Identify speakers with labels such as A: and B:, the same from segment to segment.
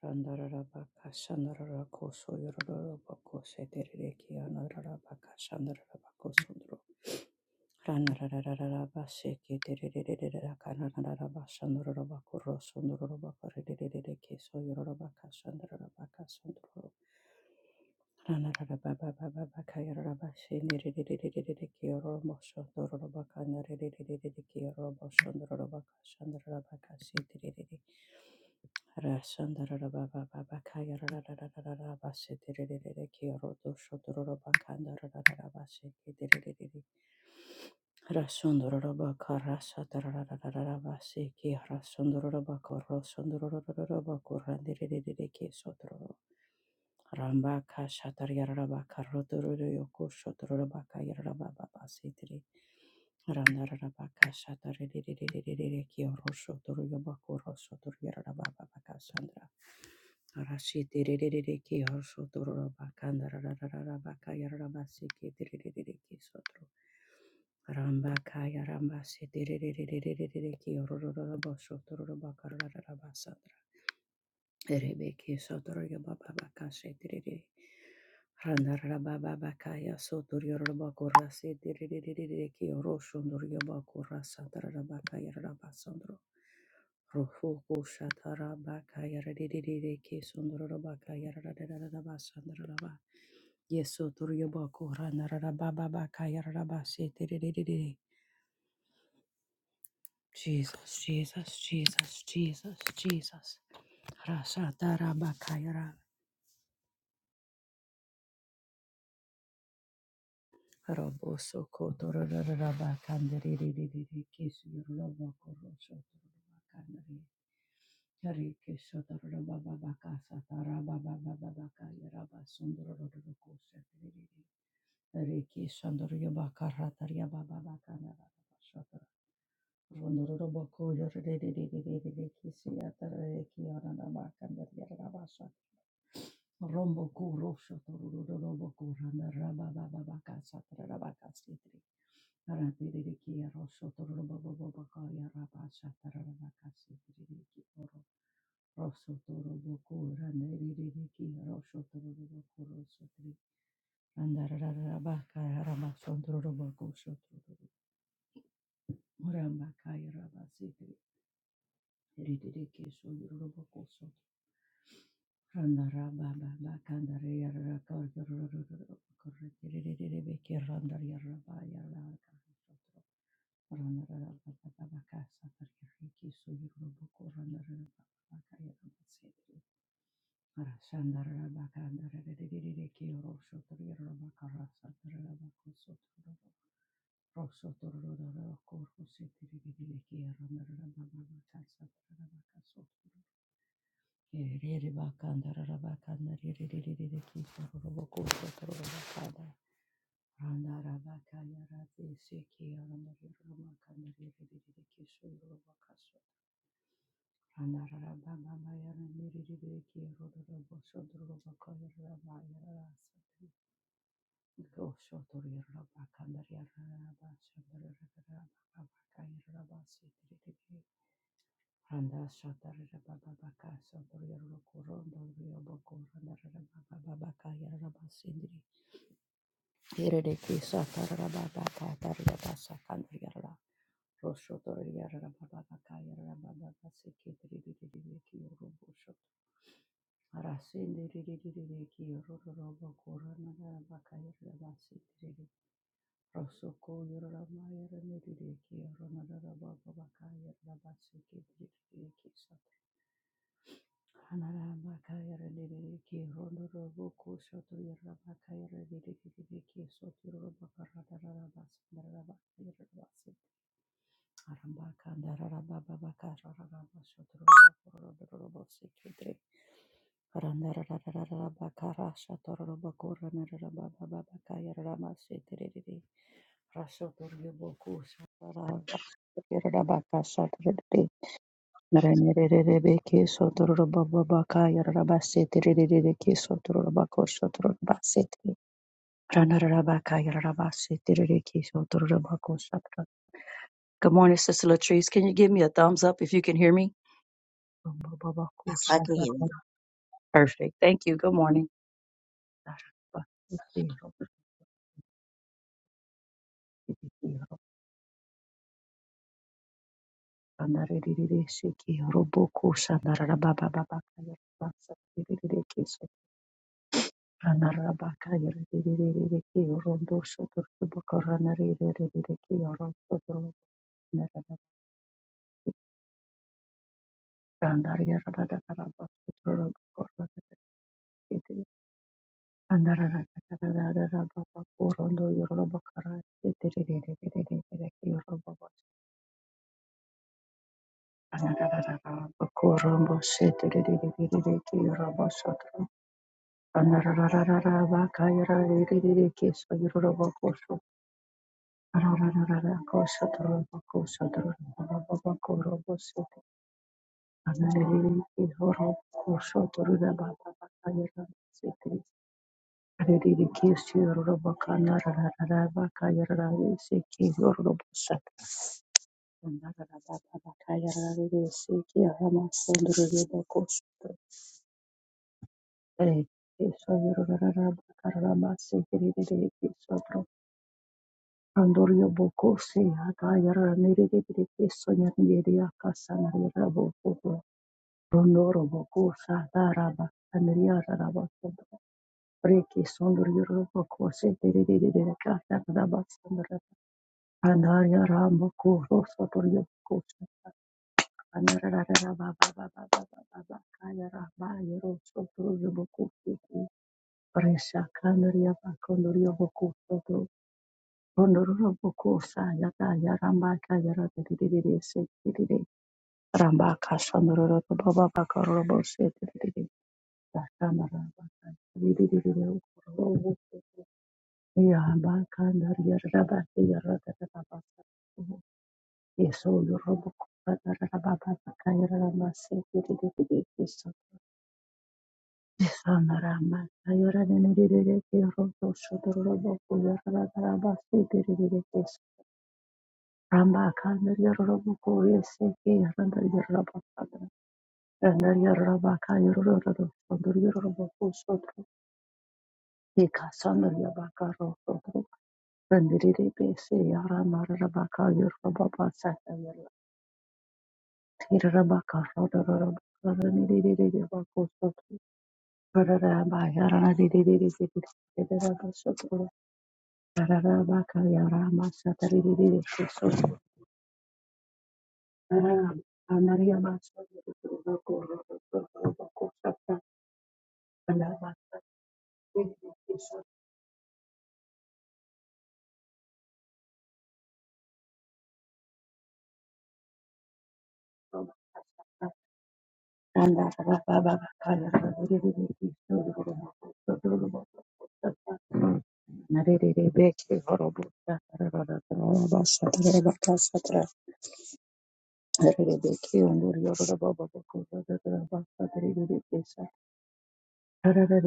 A: Randarabaka Shandarabako Soyorabako Sedereki Anarabaka Shandarabako Sundro Ranarabaka Seki Derekanarabaka Shandarabako Rosundrobaka Redereki Soyorabaka Shandarabaka Sundro Ranarabaka Yarabashi Nereki Romo Shandorabaka Nereki Romo Shandorabaka Shandarabaka Sedereki Ramba ka shatar yaraba ka rodoro yoko shotoraba ka yaraba baba sitri ki kaya ramba se Rashid Rambakaya sandra. Rebeke sotorio baba baka shetiriri. Randarara baba baka ya sotorio roba kura setiririri ki oroshondorio bakura satarara baka yarara basondro. Rofuku shatara baka yarariri ki sondoro baka yararara basandara ba. Yesotorio bakura narara baba baka yarara basetiririri. Jesus, Jesus, Jesus, Jesus, Jesus. Rasatara bakayara. Roboso kotororaba kandere kesuraba korosho toraba kandere hari kesotoraba baba kasa taraba baba baba kaya raba sundoro kosa tiriri hari kesandoro yaba karatari yaba baba kana raba shotor rondoro boko yorere kesiyatara kiyarana bakandere raba Rombo ku rosho kurosho torororobo kurana raba baba baka satra raba kasitri. Aratiri ki rosho tororobo bobo baka ya raba satra raba kasitri riki oro. Rosho tororobo kurana riri ki rosho tororobo kurosho tri. Randa rara raba kaya raba sondororobo kusho tororobo. Muramba kaya raba sitri. Riri riki sondro robo shoyorobo Rosotoro Rere bakanda rabakanda rere rere rere kito roboko soto robakanda randa rabakaya rate seki aranda rere robakanda rere rere rere kisho robakaso randa rababa maya rere rere rere kiro robo soto robakaya rabaya rasa go soto rere robakanda rere rabasha rere rere rabakaya rabasi rere rere Randa shatarara baba baka sotoria rokurondo rio boko randarara baba baba kaya raba sindri. Hirere ki satarara baba katarara basa kandria ra. Rosho toria raba baba kaya raba baba siki triri riri ki urubu shot. Arasindi riri riri ki ururu robo kurana raba kaya raba sindri. Rosso koyo rama yara riri ki urana raba baba kaya raba siki triri ki Hallelujah. Renerereke sotoro baba baka yarara rerereke sotoro bako sotoro basete. Ranarara baka rereke sotoro bako sotoro. Good morning, Sister Latrice. Can you give me a thumbs up if you can hear me? Baba baba
B: Exactly
A: Perfect. Thank you. Good morning. Ranarereke sotoro boko shandarara baba baba ka yarara rereke Anarabaka yiridiriki Thank you. Andorio boko se hata yara nere de de de sonya nere ya kasa nere ya boko bo rondoro boko sa dara ba nere ya dara ba breki sondorio ro boko se de de de de de ka ta da ba sondra anar ya ra boko ro sotorio boko sa anar ra ra ba ba ba ba ba ba ba ba ra ba ya ro boko se presa ka ba kondorio boko Bondororo kosa yaka yarambaka yaradiririre setirire rambaka sandororo baba baka robo bakarorobo setirire dashandarambaka diririre ukorobo yambaka ndariyarabaka yaradadarabaka yeso yorobo kuradarababa bakayarama setirire yeso yesandaramaka yaradiririre keroto shodororobo kuyaradarabaka setirire yeso Rambakanda yararabukuye seke yaranda yarabakanda randa yarabaka yarororo sondor yararabuku sotro eka sondor yabakaro sotro randirire bese yaramarabaka yarababa sata yarla yarabaka rodororabaka randirire yabaku sotro rararaba yarandirire sotro rararaba sotro rararabaka yarama sata ririre sotro Aram, Anaria Master, the Kuroko, Kuroko, Sata, and Narebeki Horobuta, Rabasatra, Rebeki, and Yoruba Baba, Rama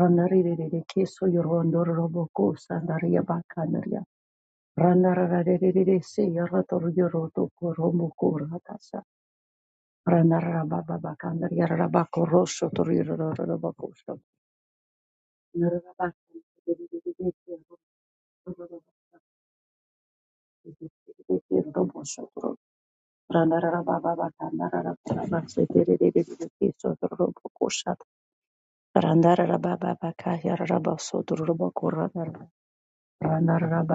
A: Randaririrekeso yorondoroboko sandaria bakanaria. Randarararererese yorotoryorotoku romoku ratasa. Randararababa bakanaria rarabako rosho toryorororobakoso. Nararabakanariririrese yorotorobakoso romosotoro. Randararababa bakanarararabarabaseterererese tororobokosa. Randararababa bakayararabasotoroboko Rana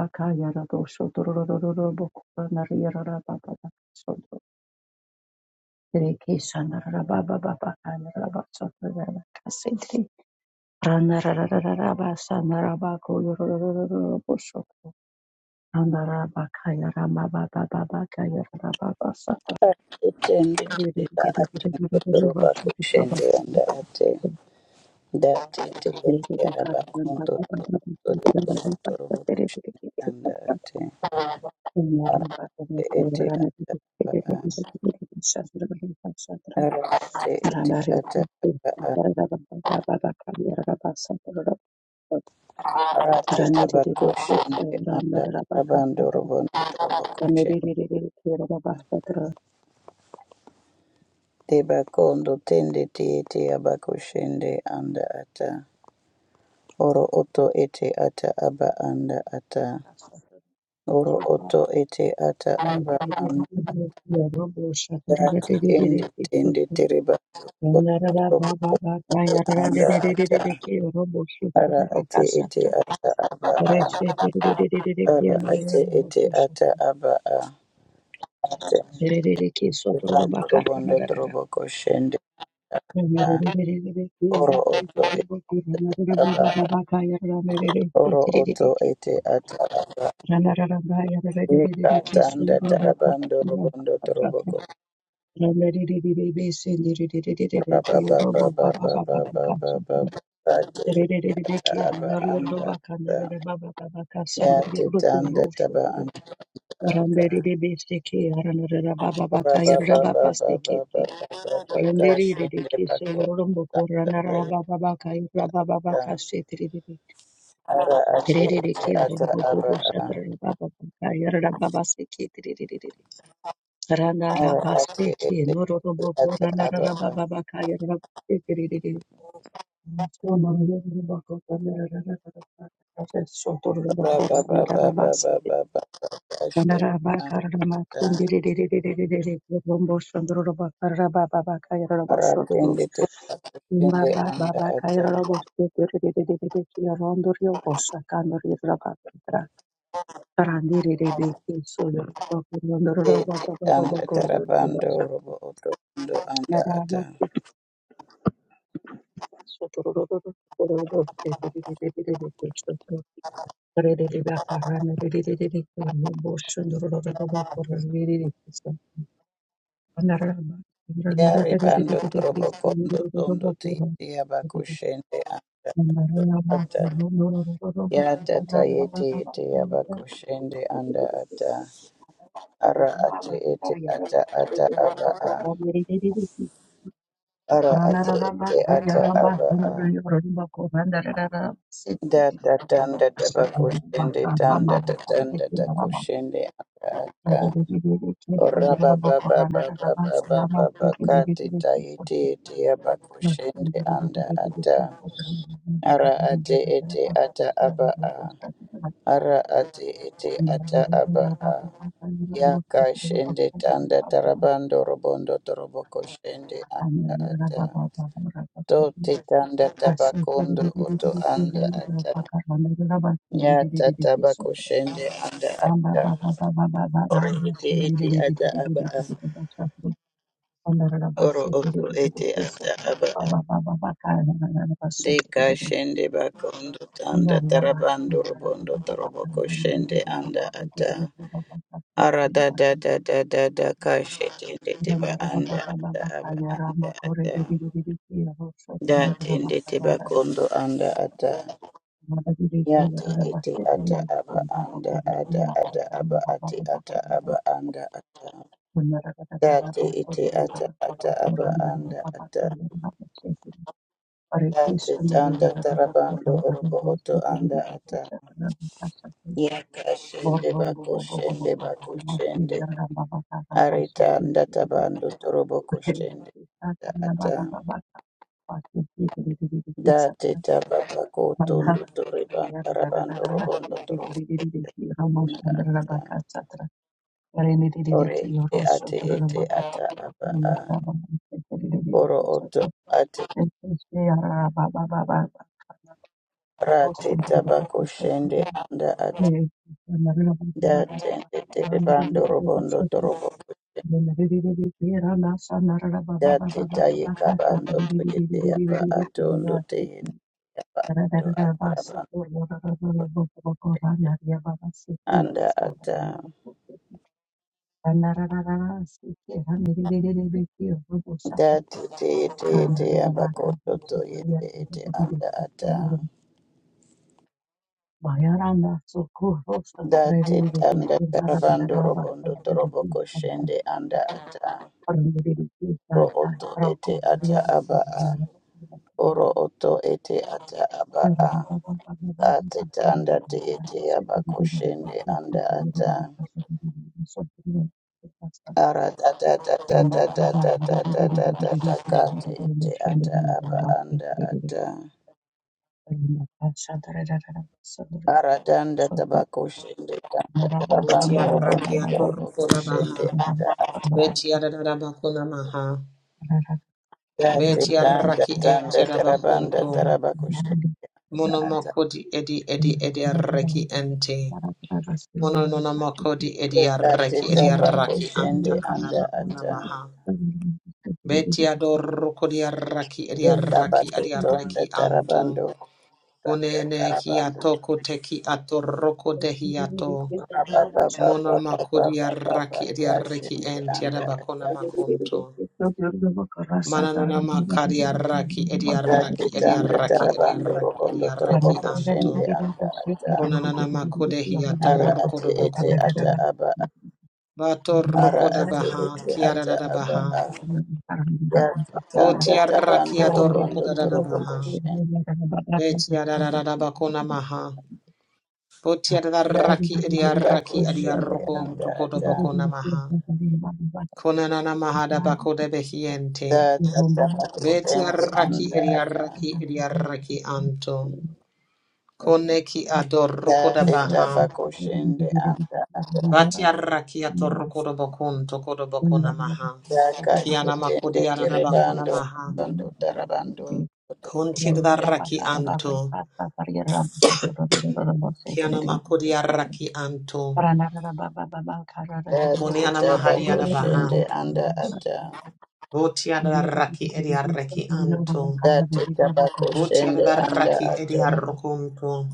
C: Atende tiriba atondo toroba kushende anda ate date tende tiaraba kondo toro kondo toroba kushende anda ate
A: Yarra
C: arate
A: bakana
C: ete
A: yara mati kete
C: aba
A: kete kete kete shastra bakana
C: a
A: shastra
C: arate ete
A: rana re
C: ata aba a
A: yara da bakana da da da ka yara da basa da da
C: arate
A: rani re
C: taba
A: re re ke
C: kushende anda
A: rana da da
C: ataba
A: baka da da
C: ndoroba ndoroba
A: rani
C: kushende
A: re re re re ke yara da basa da da
C: teba kondo tende tiete aba kushende anda ata oro oto ete ata aba anda ata Oro oto ete ata aba anda
A: yara bo shastra da re
C: ati
A: re
C: ende
A: re re ke
C: tende tereba
A: rana da
C: oto
A: da
C: orobo
A: ba ba ba ka yara
C: anda ata ara ate ete ata aba a ara
A: Rere
C: ate ete ata aba a ate ete robondo trobo koshende ata oro oto ete aba oro oto ete ata aba ika tanda tarabando robondo trobo ko raba ba ba ba ba ba ba ba ba ba ate ete aba anda ata Ya titanda taba anda ata.
A: Randeri de Besteke, Ranara Baba
C: Ora
A: Baka,
C: ba ba ba
A: Rababa
C: ba ba ba ba ba
A: Steketi,
C: ba ka
A: Randeri de
C: shinde
A: Kiso,
C: bako
A: Rombo,
C: tanda
A: Ranara
C: tayika.
A: Baba Baka, Rababa Baka, Setri,
C: Ara ate
A: Rede de
C: ete
A: Ki,
C: ata
A: Rombo,
C: aba
A: Bobo,
C: a.
A: Shatra, Baba Baka, Rababa Steketi, Ranara
C: Ara ate
A: Basteki,
C: ete
A: Noro Rombo,
C: ete ata aba
A: Ranara
C: a.
A: Baba Baka, Rababa Steketi, Sono Rombo, Ranara Baba Baka, Sotor Rombo,
C: Ora ba ba
A: Ranara
C: ba ba ba
A: Basa,
C: ba ba ka
A: Thank
C: shinde anda. Ara
A: you.
C: tende te shinde anda ata. De titanda tarabando robo oto ando anda ata.
A: Rana
C: Yari bando trobo kondo tondo tiyeti abakushende anda ato ata. Yata tayeti yeti iti abakushende anda ata. Ara ate ete ata ata aba a. Ara ate ete ata aba a. Data tanda tabakushende tanda tatanda takushende anda ata. Ora baba baba baba baba baba kati tayeti yeti iti
A: Thank you.
C: abakushende anda ata. Ara ate ete ata aba a. Ara ate ete ata aba a. Yaka shende tanda tarabando robondo toroboko shende anda ata. Tote tanda tabakondo oto anda ata. Nyata tabako shende anda ata. Ore ete ete ata aba a.
A: Andara la
C: Oro
A: basse, tere
C: oto
A: tere tere,
C: ete
A: keso,
C: ata aba
A: ba
C: a.
A: ba ba ba ba, kara na na na basse,
C: Deka shende bakondo tanda
A: Maria
C: tarabando
A: Bastin,
C: robondo toroboko shende anda ata. Arada da da da da da kashi tindi tiba anda ata aba anda ata da tindi tiba kondo anda ata ya ti iti ata aba anda ada ada aba ati ata aba anda ata da ti iti ata ata aba anda ata
A: Thank
C: da ti tanda tarabando urubu utu anda ata
A: you.
C: ya kashende
A: Borrombo bobo bobo
C: bakushende
A: karamba si
C: bakushende
A: yaramba baka ramba si
C: arita
A: si
C: anda
A: si si si si
C: tabando turubu kushende
A: si sa karamba
C: ata
A: baba baba pa si si si si si si si
C: da
A: sa
C: teta baba ko tondo
A: manara
C: tore banda
A: yarara
C: rabando
A: yarara
C: robondo
A: si si
C: toro
A: si si si si si ramba shambra ramba ka
C: ata
A: sa tra yarene si si si
C: ore
A: ki
C: e ate
A: yoroso toro
C: ete
A: ramba bobo
C: ata
A: bobo
C: aba
A: ki
C: a
A: yaramba si si si si si
C: oro
A: si sa
C: oto
A: tro
C: ate
A: si si yarara baba baba baba
C: ra
A: osso
C: teta
A: toro ramba
C: bako
A: kosso
C: shende
A: toro
C: anda ate
A: ne yarara
C: da
A: baba
C: tende tere bando
A: Thank
C: robondo
A: you.
C: toro boko
A: Bayaranda
C: da teta ye kabando toye te aba atondo te yende aba ando ata rabando anda ata da tete ete ete aba koto toyende ete anda ata
A: socorro, socorro,
C: Dati tanda tarabando robondo torobo koshende anda ata.
A: Thank you.
C: Ro oto ete ata aba a. Oro oto ete ata aba a. Ate tanda te ete aba koshende anda ata. Ara tata tata tata tata tata tata kate ete ata aba anda ata. Ara danda tabako shende tanda tarabando
D: Mutiaraki
C: robondo torobo
D: atorukuna
C: koshende
D: maha.
C: anda ata.
D: Betiarada bakuna maha.
A: Thank
C: Dati tanda
D: Betiaraki
C: tanda tarabanda
D: entiarabahunto.
C: tarabakushenda ata.
D: Monomokodi edi edi edi arreki ente. Mononomokodi edi
C: Dati
D: arreki edi arraki
C: tabakushende
D: antakada
C: anda
D: bakuna
C: ata.
D: maha. Betiadorukodi arraki edi
C: Deka
D: arraki
C: batu
D: edi
C: tonda
D: arreki anto.
C: tarabando tanda
D: Unene
C: tarabando.
D: hiatoko teki atoroko dehiato.
C: Rababa Baba baba baba
D: Monomakodi
C: baba
D: arraki edi arreki
C: bakashende anda
D: entiarabakuna
C: ata.
D: makunto. Mananana makari araki edi
C: Dati
D: araki edi
C: tanda
D: araki
C: tarabando rokondo
D: anto.
C: torobokushende anda ata.
D: Konanana makode hiato
C: Ara ate
D: rokodo
C: ete ata
D: bakunto.
C: aba.
A: you.
D: Bato
A: Thank
C: Ara
D: rokoda
C: ate
D: baha
C: ete
D: kiara
C: ata
D: da baha.
C: aba.
D: Boti
C: yakutanda tabando
D: ador
C: robondo
D: rokoda da
C: torobo
D: baha.
C: koshende
D: Beti arara da bakona maha. Boti araki edi
C: tiba
D: araki
C: koshende anda ata
D: maha. Konanana maha da bakode behiente.
C: data taba koshende anda ata
D: anto. Koneki ador rokoda
C: data
D: baha.
C: taba koshende anda ata
D: Batiara kia to rokoda bakun tokoda bakuna maha.
C: daka
D: Kiana
C: shetende
D: makodi arana bakuna
C: terebando
D: maha.
C: bando tarabando
A: you.
C: torobo
A: Thank
D: Kunchidara
C: koshende
D: ki
C: anda ata
D: anto. Kiana makodi araki anto.
C: data
D: Kuniana
C: taba
D: mahadi adabaha.
C: shende, anda ata
D: Botiadara ki ediareki anto.
C: data taba shende,
D: Botiadara
C: anda
D: ki
C: ata
D: ediarokunto.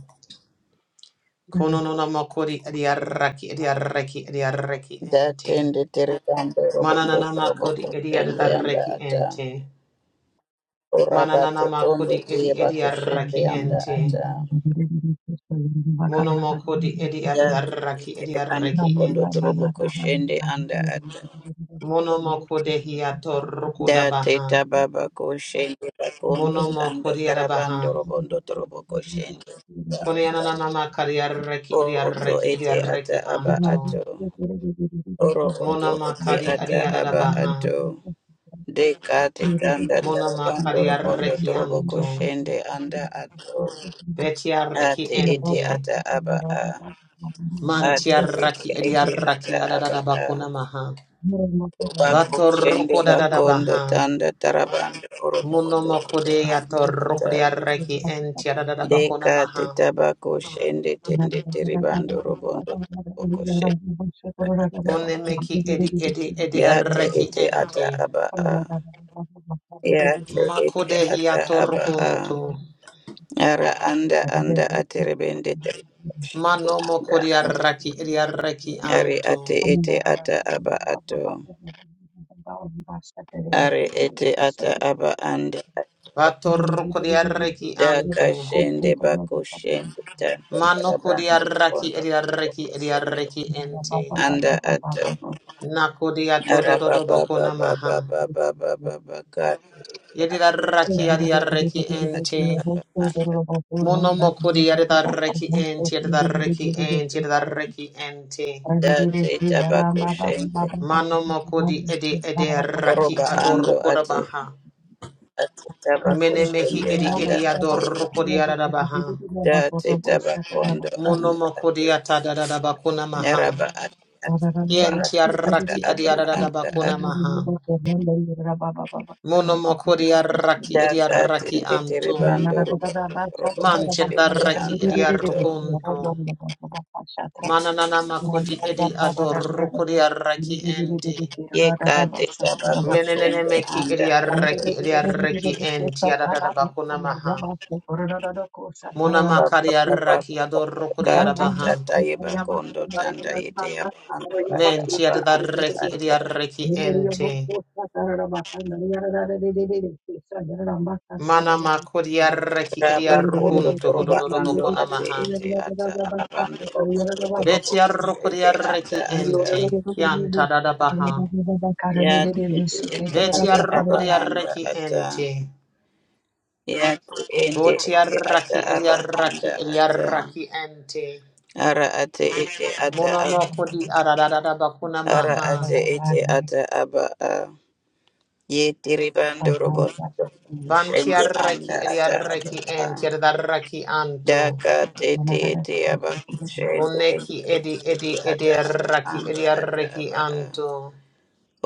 D: Kononona makodi
A: you.
D: ediaraki ediareki ediareki ente.
C: Datende terekando robondo
D: Mananana
C: robo
D: makodi
C: koshende anda
D: ediareki
C: ata.
D: ente. Mananana
C: Orabato tondo
D: makodi edi
C: tieba
D: edi
C: koshende
D: arraki
C: anda
D: ente.
C: ata.
D: Mono makodi edi
C: Datende
D: adarraki edi
C: terebando
D: arraki
C: bondo
D: ente.
C: robo koshende anda ata.
D: Mono makode hiato rukuda
C: Date
D: baha.
C: tababa koshende
A: Thank
C: bakondo
D: Mono
C: tanda
D: makodi
C: tarabando
D: adabaha.
C: robondo robo koshende.
D: Kone ananana makari arraki edi
C: O oto
D: arraki edi
C: ete ata
D: arraki
C: aba
D: anto.
C: ato. Oro oto
D: Mono
C: ete
D: makari adi
C: ata aba
D: adadabaha.
C: ato. Dekate tanda
D: Mono
C: tarabando
D: makari
C: robondo
D: arraki
C: robo
D: anto.
C: koshende anda ato.
D: Beti arraki
C: ate ete
D: ente.
C: ata aba a
D: Manti
C: ate ete
D: arraki edi
C: ete ata
D: arraki
C: aba a
D: adadabakuna maha.
C: bako
D: Bato
C: shende
D: rukuda
C: bakondo
D: dadabaha.
C: tanda tarabando orobo oto oto
D: Munomokudeya
C: anda ata
D: torrokudeya reki enti adadabakuna
C: deka te
D: maha.
A: you.
C: tabako shende
A: Thank
C: tende teribando robondo boko shende ata
D: kune meki edi edi edi
C: yate
D: reki
C: ete ata
D: enti.
C: aba a yate ete
D: Makudeya
C: ata aba a
D: torrokuntu.
C: ara anda anda aterebende teribando anda
D: Manomokudeya
C: ata.
D: reki edi reki
C: Ari
D: antu.
C: ate ete ata aba ato. Ari ete ata aba anda.
D: Vatorrokudeya reki antu.
C: Daka shende bako shende tanda
D: Manokudeya
C: tarabantu
D: reki
C: bondo
D: edi reki
C: boko
D: edi
C: shende.
D: reki enti.
C: Anda ato.
A: you.
D: Nakudeya
C: Araba
D: tododobakuna
C: baba
D: maha.
C: baba
A: Thank
C: baba baba baka.
D: Yedi reki
C: Aba
D: edi
C: ato.
D: reki enti.
C: Ata aba anda.
D: Monomokuri edarreki enti edarreki enti edarreki enti.
C: Date tabako shende.
D: Manomokodi edi edi raki ederraki
C: Koroba ando ate.
D: adorkodabaha.
C: Ate tabako
D: Menemehi
C: shende
A: you.
D: edi edi
C: anda ato.
D: adorkodi adadabaha.
C: Date tabakondo anda ate.
D: Monomokodi atadadabakuna maha.
C: Yaraba ati aba
D: Yenti
C: ati ata
D: arraki adi
C: aba anda
D: adadabakuna
C: ati
D: maha. Monomokodi arraki edi
C: daka
D: arraki
C: tindi
D: anto.
A: Thank
C: tiribando robo robo
D: Manti
C: kushendo
D: edarraki
C: anda
D: edi
C: ato
D: arrokunto. Mananana makodi edi adorkodi arraki enti.
C: yeka te taba
D: Menenene
C: kushendo
D: meki
C: anda ato
D: idiarreki idiarreki enti adadada bakuna maha. Muna
C: baba
D: makari
C: baba
D: arraki
C: baba
D: adoroko
C: kati
D: diarabaha.
C: tata yeba kondo tanda yete yaba ando ata
D: Menti
C: aba anda
D: adadarreki
C: ata
D: idiarreki enti. Mana
A: you.
D: makuri arreki
C: raba kondo
A: Thank
D: idiarrukunto
C: toroba
D: hudododo
C: ando
D: bakuna
C: ate
D: maha.
C: ete ata abando robo robo
D: Beti arroko
C: kushende anda
D: diarreki
C: ata
D: enti. Kianta dadabaha.
C: ya ende ete
D: Beti
C: ata
D: arroko
C: aba anda
D: diarreki
C: ata
D: enti.
C: ya ende
D: Boti
C: ete ata
D: arraki
C: aba
D: idiarraki
C: anda ata
D: idiarraki enti.
C: ara ate ete ata aba
D: Monomoko di aradada bakuna
C: ara
D: maha.
C: ate ete ata aba a ye tiribando robo shende anda
D: Vantiarraki
C: ata aba
D: ediarraki
C: a
D: entiarraki anto.
C: daka tete ete aba shende ende
D: Boneki
C: ete
D: edi edi
C: ete ata aba
D: ediarraki
C: anda ata
D: ediarraki
C: aba a
D: anto.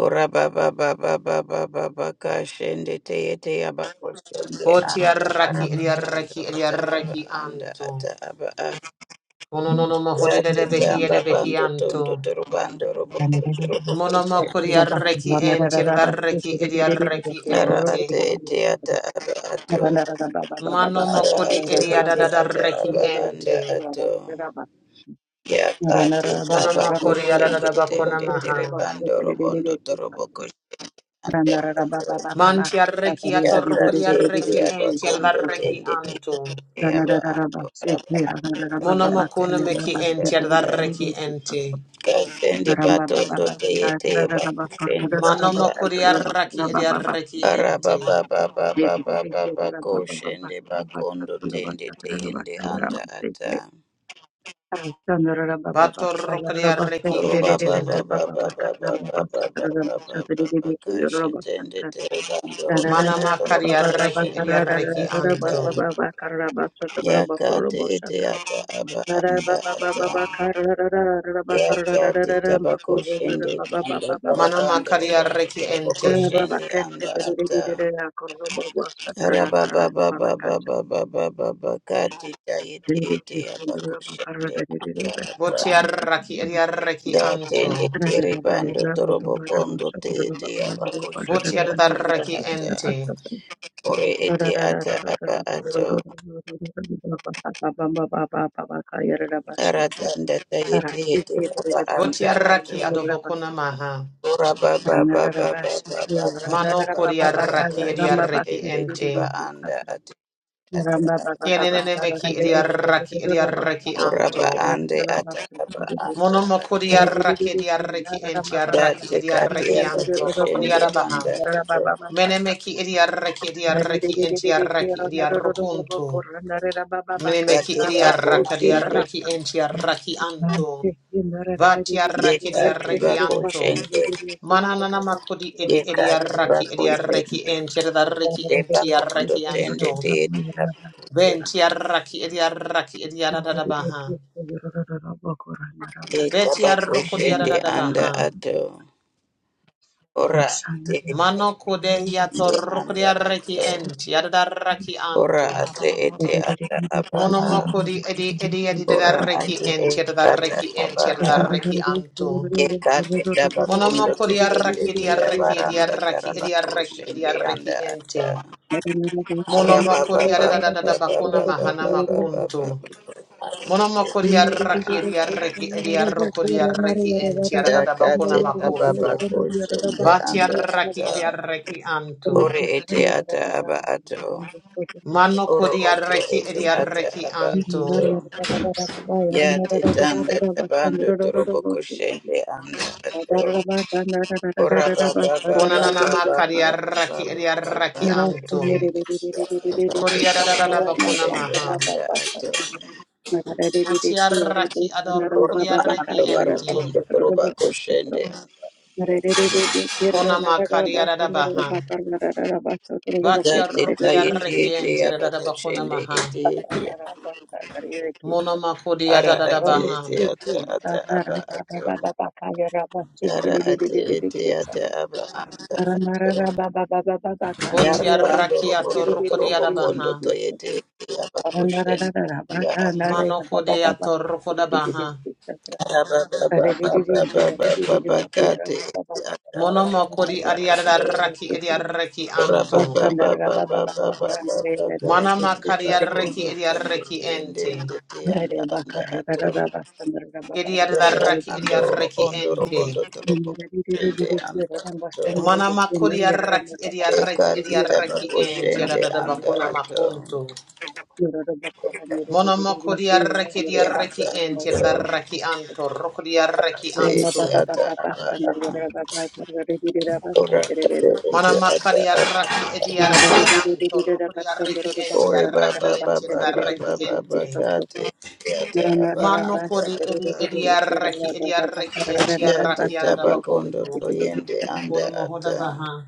C: Ora ba ba ba ba ba ba ba ba anda
D: Botiarraki
C: araba ando
D: ediarraki
C: ata aba
D: ediarraki
C: anda
D: anto.
C: ata aba a
D: Ononono
C: ya te
D: hodede behi
C: tamba
D: ede behi
C: bando
D: anto.
C: tondo toro bando robo toro boko
D: Monomo kodiarraki entiarraki ediarraki
C: ara
D: ente.
C: ate ete
A: you.
C: ata aba ato
D: Manomo
C: ara
D: kodi
C: ate ete ata
D: ediadadadarraki
C: aba anda
D: ente.
C: ato ya ka te taba
D: Onomo
C: ko shende
D: kodiadadabakona
C: tende tere
D: maha.
C: bando robondo toro boko shende anda ato
D: Manti arreki
C: Yaka
D: atorroko di
C: te te
D: arreki
C: aba
D: enti
C: kondo
D: adarreki
C: tende
A: Ramba
C: te
D: anto.
C: te aba ando aba ando aba aka
D: Monomokuna
C: aba
D: meki
C: anda
D: enti
C: ata
D: adarreki enti.
C: kasende batondo te te aba kusende anda
D: Manomoko di
C: ata
D: arraki di arreki
C: araba
D: enti.
C: ba ba ba ba ba ba ba koshende bakondo tende te ende anda ata
D: Batorroko di arreki
C: roba ba
D: enti.
C: ba ba ba ba ba ba ba ba ba ba ba ba kashe tende te
A: Baba
C: aba ando robo
D: Manamaka di
C: robo
D: arreki di
C: koshende anda
D: arreki
C: ata
D: anto.
C: yakati iti ata aba anda ata yakati tabako shende anda tarabando
D: Manamaka di
C: roboto
D: arreki enti.
C: toroboko
A: Baba
C: shende
A: Kate,
C: anda ata araba baba baba baba baba bakati tayete ete abako shende anda
D: Boti
C: ata
D: arraki di arreki anto.
C: datende teribando torobokondo te ete abako
D: Boti
C: shende anda
D: adarreki
C: ata
D: enti.
C: ore ete ata aba ato aratanda tayete ete aba
D: Boti
C: anda
D: arraki
C: ato
D: adobokuna
A: baba,
D: maha.
C: Ora ba ba ba ba ba
A: Ranararabasi,
C: ba ba ba ba
D: Mano
C: ba
D: kori
C: ba ba
A: Randarabababaka,
C: ka
D: arraki edi arreki
A: Yarambabaki,
C: shetende tiba
D: ente.
A: Ririki,
C: anda
A: Satra,
C: ati ata aba
A: Rambabababaka,
D: Kienenene
C: anda
D: meki
C: ato.
A: Ranadabasa,
D: idiaraki
A: Rambabababasa,
D: idiaraki
C: Ora
D: anto.
C: ba ande ata
A: Ranadabaki,
C: aba anda
D: Monomoko
C: ato.
D: diaraki idiaraki entiaraki
C: Dati
A: Ranarabababaka,
C: kati
D: idiaraki
C: aba
D: anto. Roko
A: Ranadabako,
C: kushende
D: diarabaha.
C: anda ato.
D: Menemeki idiaraki idiaraki entiaraki idiarokunto. Menemeki
C: Dati ba
D: idiaraki
C: kushende.
D: idiaraki entiaraki anto.
A: Thank you.
C: Ye
D: Vatiaraki
C: kati ba
D: idiaraki anto.
C: kushende.
D: Mananana makodi edi
C: Ye kati ba
D: idiaraki idiaraki
C: kushende.
D: entiaraki
C: De ba kondo
D: entiaraki
C: tende
D: anto.
C: te aba kushende.
D: Benti arraki edi arraki edi arada baha.
C: Ye
D: Beti
C: kaba
D: arruku di
C: kushende
D: arada
C: anda
D: baha.
C: ato. Ora ate ete
D: Mano kudehi
C: oshundu
D: atorruku di
C: anda
D: arraki
C: ato.
D: enti adada arraki
C: Ora
D: anto.
C: ate ete ata aba a.
D: Monomoko di edi edi edi adada
C: Ora
D: arraki
C: ate
D: enti
C: ete
D: adada
C: ata
D: arraki enti
C: aba
A: Thank
D: adada
C: a.
D: arraki anto.
C: Yekate taba kundo
D: Monomoko di
C: tekende
D: arraki di arraki edi
C: teyabaranda
D: arraki
C: taraba
D: edi arraki edi
C: koshende
D: arraki
C: anda ata.
D: enti.
C: Araba
D: Monomoko
C: ba
D: di
C: ba
D: adada adada
C: ba ba ba
D: bakuna
C: ba
D: mahana
C: ba ba ba ba
D: makunto.
C: ba. Ate
D: Monomoko di
C: ete ba
D: arraki e di
C: anda.
D: arraki e di arroko di arraki enti adada
C: Yakate
D: bakuna
C: taba ba
D: makuntu.
C: koshende
D: Vati
C: anda
D: arraki
C: ata.
D: e di arraki antu.
C: Ore ete ata aba ato.
D: Manoko
C: oro
D: di
C: oto
D: arraki e
C: ete
D: di
C: ata
D: arraki
C: aba
D: antu.
C: ato ya te tanda tabando torobo
A: you.
C: koshende anda ato
A: Rondo
C: ora ba ba ba ba
D: Konanana
C: ba ba
D: maka
C: ba
D: di
C: ba
D: arraki e
C: ba
D: di
C: ba
D: arraki
C: ba te
D: antu.
C: tende tabando
D: Kodi
C: torobo
D: adada bakuna
C: koshende
D: maha.
C: anda ato
D: Uti arraki adoroko
C: ora
D: di
C: ba ando
D: arraki
C: baro
D: enti.
C: tondo toroba koshende
D: Kona maka di adada baha. Vati
C: da te
D: arroko
C: ta
D: di
C: ete
D: arraki
C: ete
D: enti
C: aba
D: adada bakuna
C: koshende
D: maha.
C: ete ete
D: Monomoko di
C: ara
D: adada
C: ate
D: baha.
C: ete ata ata aba ato Ara ati iti ata aba anda ato.
A: Aranarara baba baba baba kana
C: Yara
A: riaba
C: bando
D: Botiarrakia
A: soto gere
C: robondo
A: gere gere
C: torobo
D: torrokodiada
C: kondo
A: gere
D: baha.
C: to
A: gere
C: yete
A: soto.
C: iti aba koshen
A: Aranarara baba
C: anda
A: kana
C: ato.
D: Mano
A: riaba baba
D: kodea
A: baba soto gere
D: torrokoda
A: gere gere
D: baha.
A: gere soto.
C: Araba
A: Are
C: baba
A: gere
C: baba
A: gere gere
C: baba
A: gere
C: baba
A: gere gere
C: kate
A: baba
C: iti
A: baba
C: ata
A: baba baba
C: aba
D: Monomokodi
A: riaba
C: anda
A: soto
C: ato.
A: gere gere
D: adiadarraki
A: gere gere.
D: ediarreki
C: Ora
D: anto.
C: baba
A: Rastanarara
C: baba
A: baba baba
C: baba baba
A: kana riaba
C: baba
A: gere gere gere
D: Manama
C: koshende
A: soto gere gere
D: kariarreki
C: bakondo
A: gere.
C: tende
D: ediarreki
C: tende
D: ente.
C: ende te
A: Are
C: anda
A: baba
C: anda
A: kana
C: ato.
A: riaba rastanarara baba riaba
C: Yara
A: gere gere
D: Ediadarraki
C: bando
A: gere.
D: ediarreki
C: robondo
D: ente.
C: robondo
A: Thank
C: torobo koshende
A: you.
C: anda ato.
D: Manama kodiarraki ediarreki
C: Ekati
D: ediarreki
C: tabako
D: ente.
C: shende
D: Adadada
C: anda
D: bakuna
C: ato.
D: makunto.
C: Ekati tabako
D: Monomokodiarreki
C: shende
D: ediarreki
C: anda
D: ente.
C: ato.
D: Adarraki anto. Rokodiarreki
C: Ate ete
D: anto.
C: ata aba a. Ora ate
D: Mana
C: ete ata
D: makari
C: aba.
D: arraki edi arrakianto, rokodi arraki enti
C: Ore
D: arraki
C: baba
D: enti edi
C: baba
D: arraki
C: baba baba
D: enti.
C: kate ete ata aba
D: Mano
C: anda
D: kodi
C: ata.
D: edi edi arraki edi arraki enti
C: Date
D: arraki arada
C: tabako
D: bakunto.
C: ndoto yende anda
D: Uno mohoda
C: ata.
D: baha.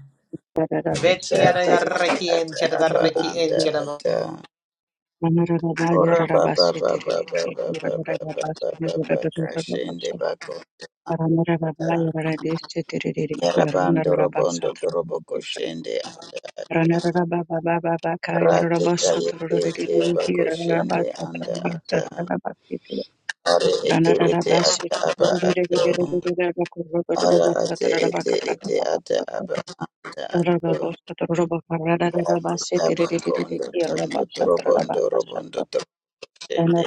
D: Beti
C: Date
D: arada
A: Ranarabasha
C: ete
D: arraki
C: ata
D: enti arada
C: aba
D: arraki
C: anda
D: enti arada
C: ata. Ora baba baba baba baba baba baba kashende bako. Yarabando robondo dorobo koshende anda rate tayete ete aba koshende anda ata are ete ete ata aba ato ara ate ete ete ata aba anda
A: Maranda
C: ato ate taba
A: reshe ke
C: kondo
A: de de de de
C: tondo torobondo robondo
A: de
C: tokoshende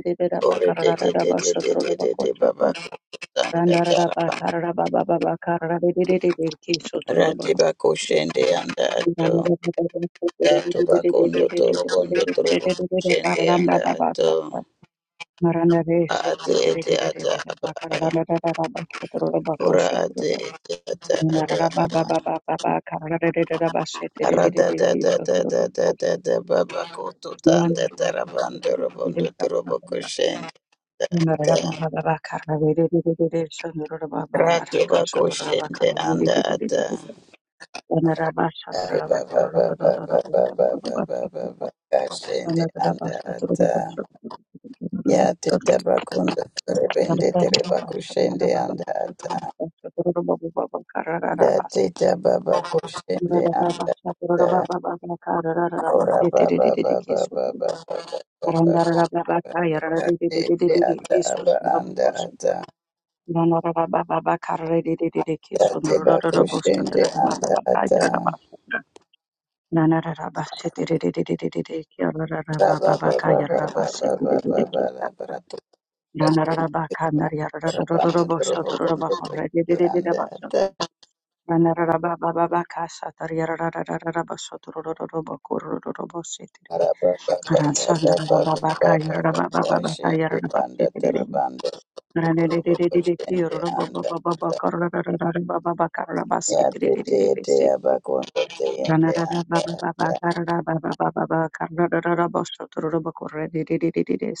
A: de de ba
C: ore de
A: karada da
C: de
A: da da
C: de
A: ba
C: de de de de de baba koshende anda taraba rate bakoshende anda ato Dato bakondo toro bondo toro bobo shende anda ato a ate ete ata aba a
A: sotoro ba
C: ora
A: kosho
C: ate ete ata
A: Thank
C: aba a ara da da da da da da da da baba koto tanda tarabando robondo toro boko shende anda ata rato bako shende anda ata ari baba baba baba baba baba baba shende anda ata Ya teta bakunda terebende tereba kushende anda ata. Da teta
A: you.
C: baba kushende
A: Nanarara
C: anda
A: bakandar
C: ata.
A: yarara
C: Ora
A: de de de de de
C: baba
A: de de
C: baba baba baba baba. Da tete ata
A: keso
C: aba
A: de rara
C: anda
A: bosa de.
C: ata.
A: Rana rara baba baba kara de de de de de
C: Da
A: keso de rara
C: teba
A: rara bosa de
C: kushende
A: rara baba
C: anda
A: baba kara
C: ata.
A: yarara basa de. Nana rara basa tere de de de de de de kara rara baba
C: Baba
A: baba kara
C: baba
A: yarara
C: baba
A: basa
C: baba
A: tere de de
C: baba la
A: keso de.
C: baratu.
A: Rana rara baba kara yarara rara rara
C: Rabando
A: bosa
C: trobo
A: de rara
C: kondo
A: baba kara de
C: toshende
A: de de de de
C: anda
A: basa de.
C: ata.
A: Ranarababa
C: Ora baba baba baba baba baba. Kashende banda terabando. Koroboto shende anda ata yate te tete te teyende anda ata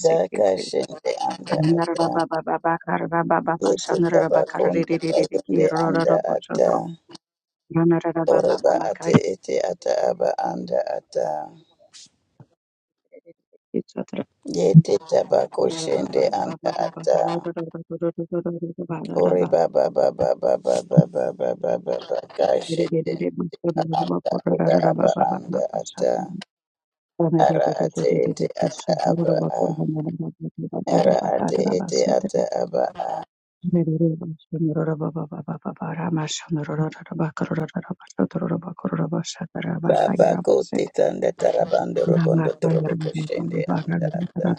C: daka shende anda ata yete tabakondo tayende anda ata
A: Rama
C: oreba ate ete ata aba anda ata yete tabako shende anda ata oreba ba ba ba ba ba baka shende anda ata aba anda ata ara ate ete ata aba a. Ara ate ete ata aba a. Baba ko te tanda tarabando
A: Rabba
C: robondo torobo
A: Karamba
C: koshende anda ata.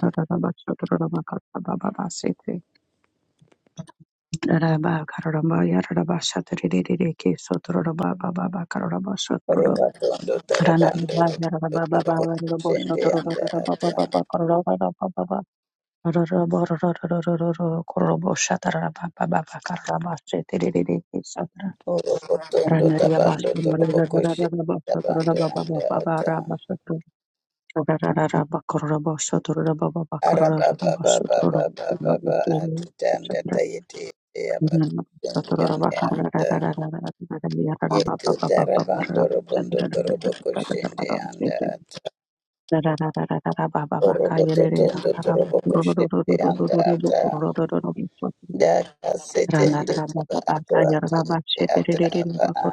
A: Yaraba Shatriki Sotroba Baba Karaba Sotro
C: Oroba tondo
A: Rana
C: tarabando robondo
A: Baba
C: torobo
A: Baba
C: koshende
A: Sotoro
C: anda ata.
A: Baba Korova Baba Roro Korobo Shatara Baba Karaba Shetiri Satra
C: Orobo tondo
A: Ranaria
C: tabando
A: bastu,
C: torobo koshende
A: Baba Sotro
C: tabando
A: Baba
C: anda
A: Baba
C: ata.
A: Rabba
C: Ara baba baba baba baba ate tanda tayete ete aba koshende anda ata. Yete tarabando robondo torobo koshende anda
A: Rana
C: Oroboto tondo toroboko shende anda ata. Daka sete nde tiba ato ate ete ata aba a.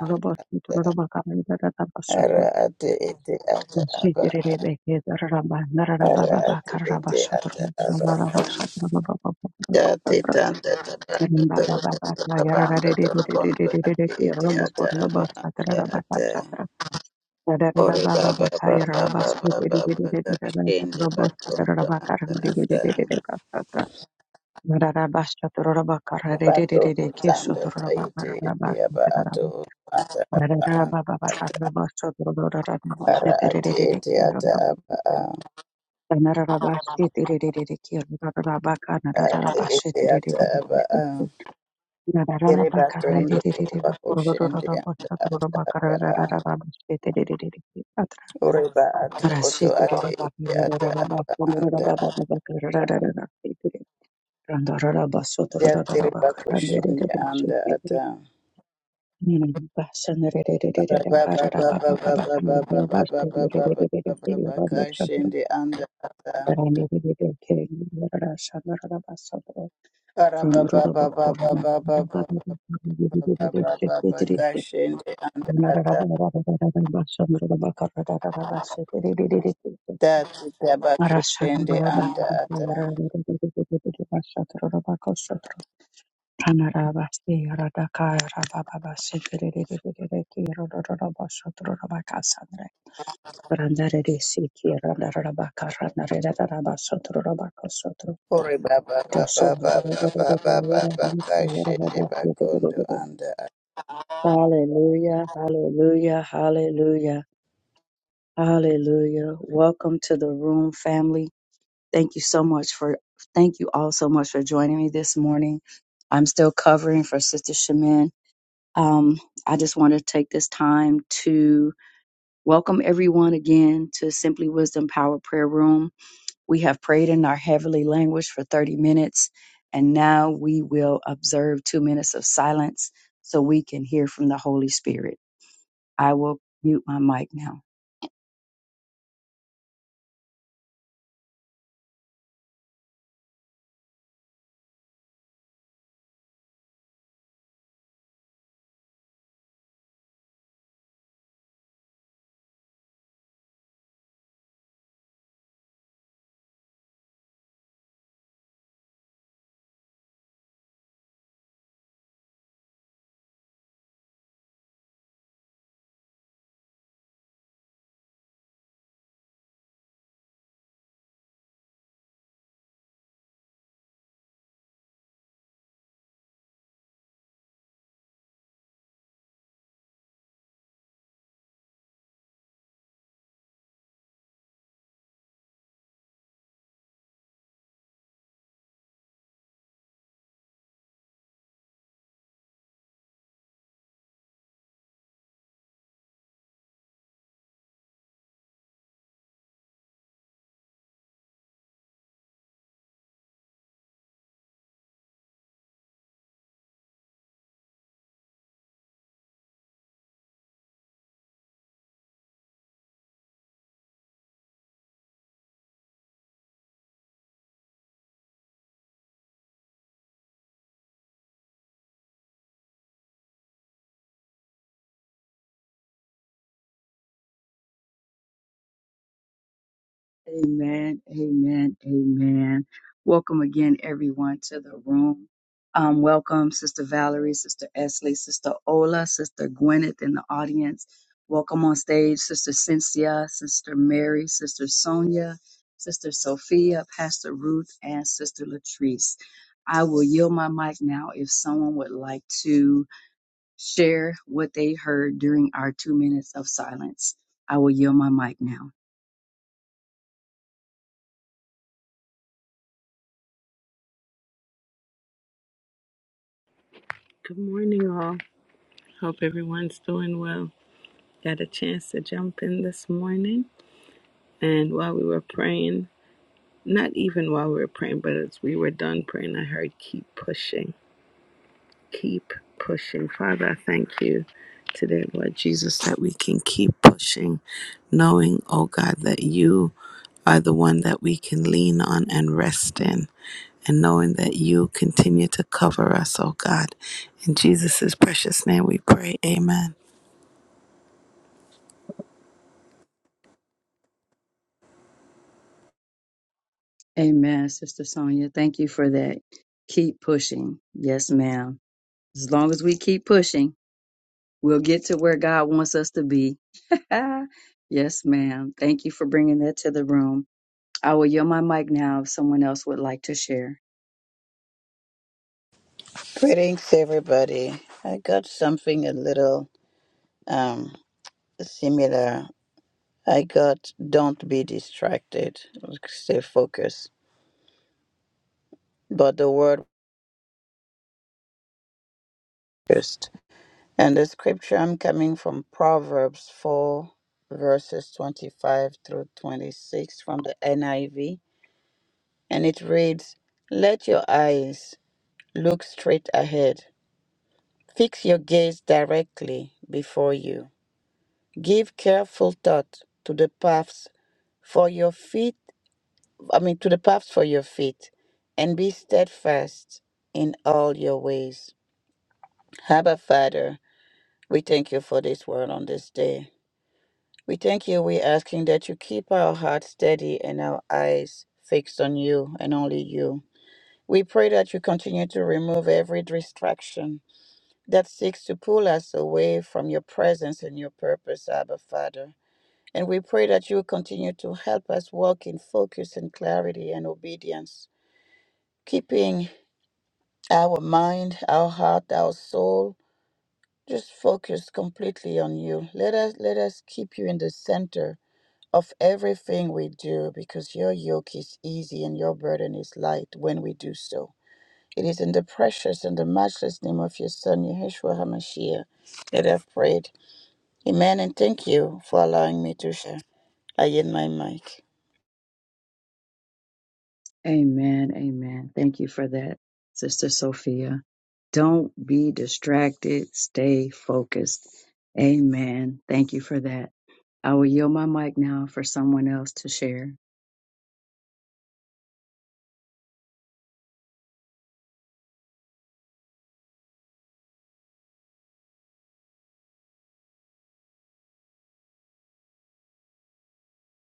C: Ara ate ete ata aba.
A: Rarara
C: Ara
A: baba
C: ate
A: bakar baba
C: ete
A: sodro
C: ata aba.
A: rarara baba
C: Date tanda tabando torobondo tabando torobondo ate ete ata aba anda ata. Ore baba baba baba baba kashende batondo anda ata. Bato kutanda taiti ete aba ato ata aba ata ara
A: şetere
C: ate
A: rerere
C: ete ata aba
A: ki
C: a
A: Rashid
C: ate ete ata aba a ere bato ondo toba koshende anda ata aba a ore ba ato oto ate ete ata aba anda ya tere ba anda ata ara ba ba ba ba ba ba ba ba kashende anda ata Arababa baba baba kashende anda ata tatu taba kushende anda ata
A: Randare de Siki, Randara Rabaka, Randare Rabaka, Sotro Rabaka,
C: ore baba baba
A: Hallelujah,
C: baba baba baba kashende bakondo anda ata.
A: hallelujah, hallelujah, hallelujah. Welcome to the room, family. Thank you so much for, thank you all so much for joining me this morning. I'm still covering for Sister Shemin. Um, I just want to take this time to welcome everyone again to Simply Wisdom Power Prayer Room. We have prayed in our heavenly language for 30 minutes, and now we will observe two minutes of silence so we can hear from the Holy Spirit. I will mute my mic now. Amen, amen, amen. Welcome again, everyone, to the room. Um, welcome, Sister Valerie, Sister Esley, Sister Ola, Sister Gwyneth in the audience. Welcome on stage, Sister Cynthia, Sister Mary, Sister Sonia, Sister Sophia, Pastor Ruth, and Sister Latrice. I will yield my mic now if someone would like to share what they heard during our two minutes of silence. I will yield my mic now.
E: Good morning, all. Hope everyone's doing well. Got a chance to jump in this morning, and while we were praying, not even while we were praying, but as we were done praying, I heard keep pushing, keep pushing. Father, I thank you today, Lord Jesus, that we can keep pushing, knowing, oh God, that you are the one that we can lean on and rest in and knowing that you continue to cover us, oh God. In Jesus' precious name we pray. Amen.
A: Amen, Sister Sonia. Thank you for that. Keep pushing. Yes, ma'am. As long as we keep pushing, we'll get to where God wants us to be. yes, ma'am. Thank you for bringing that to the room. I will yield my mic now if someone else would like to share.
C: Greetings everybody. I got something a little um similar. I got don't be distracted. Stay focused. But the word focused. And the scripture I'm coming from Proverbs 4, verses 25 through 26 from the NIV. And it reads, Let your eyes look straight ahead, fix your gaze directly before you. Give careful thought to the paths for your feet, I mean, to the paths for your feet, and be steadfast in all your ways. Abba, Father, we thank you for this word on this day. We thank you. We're asking that you keep our hearts steady and our eyes fixed on you and only you. We pray that you continue to remove every distraction that seeks to pull us away from your presence and your purpose, Abba Father. And we pray that you continue to help us walk in focus and clarity and obedience, keeping our mind, our heart, our soul just focused completely on you. Let us let us keep you in the center of everything we do because your yoke is easy and your burden is light when we do so. It is in the precious and the matchless name of your Son, Yeshua HaMashiach, that I've prayed. Amen, and thank you for allowing me to share. I yield my mic.
A: Amen. Amen. Thank you for that, Sister Sophia. Don't be distracted. Stay focused. Amen. Thank you for that. I will yield my mic now for someone else to share.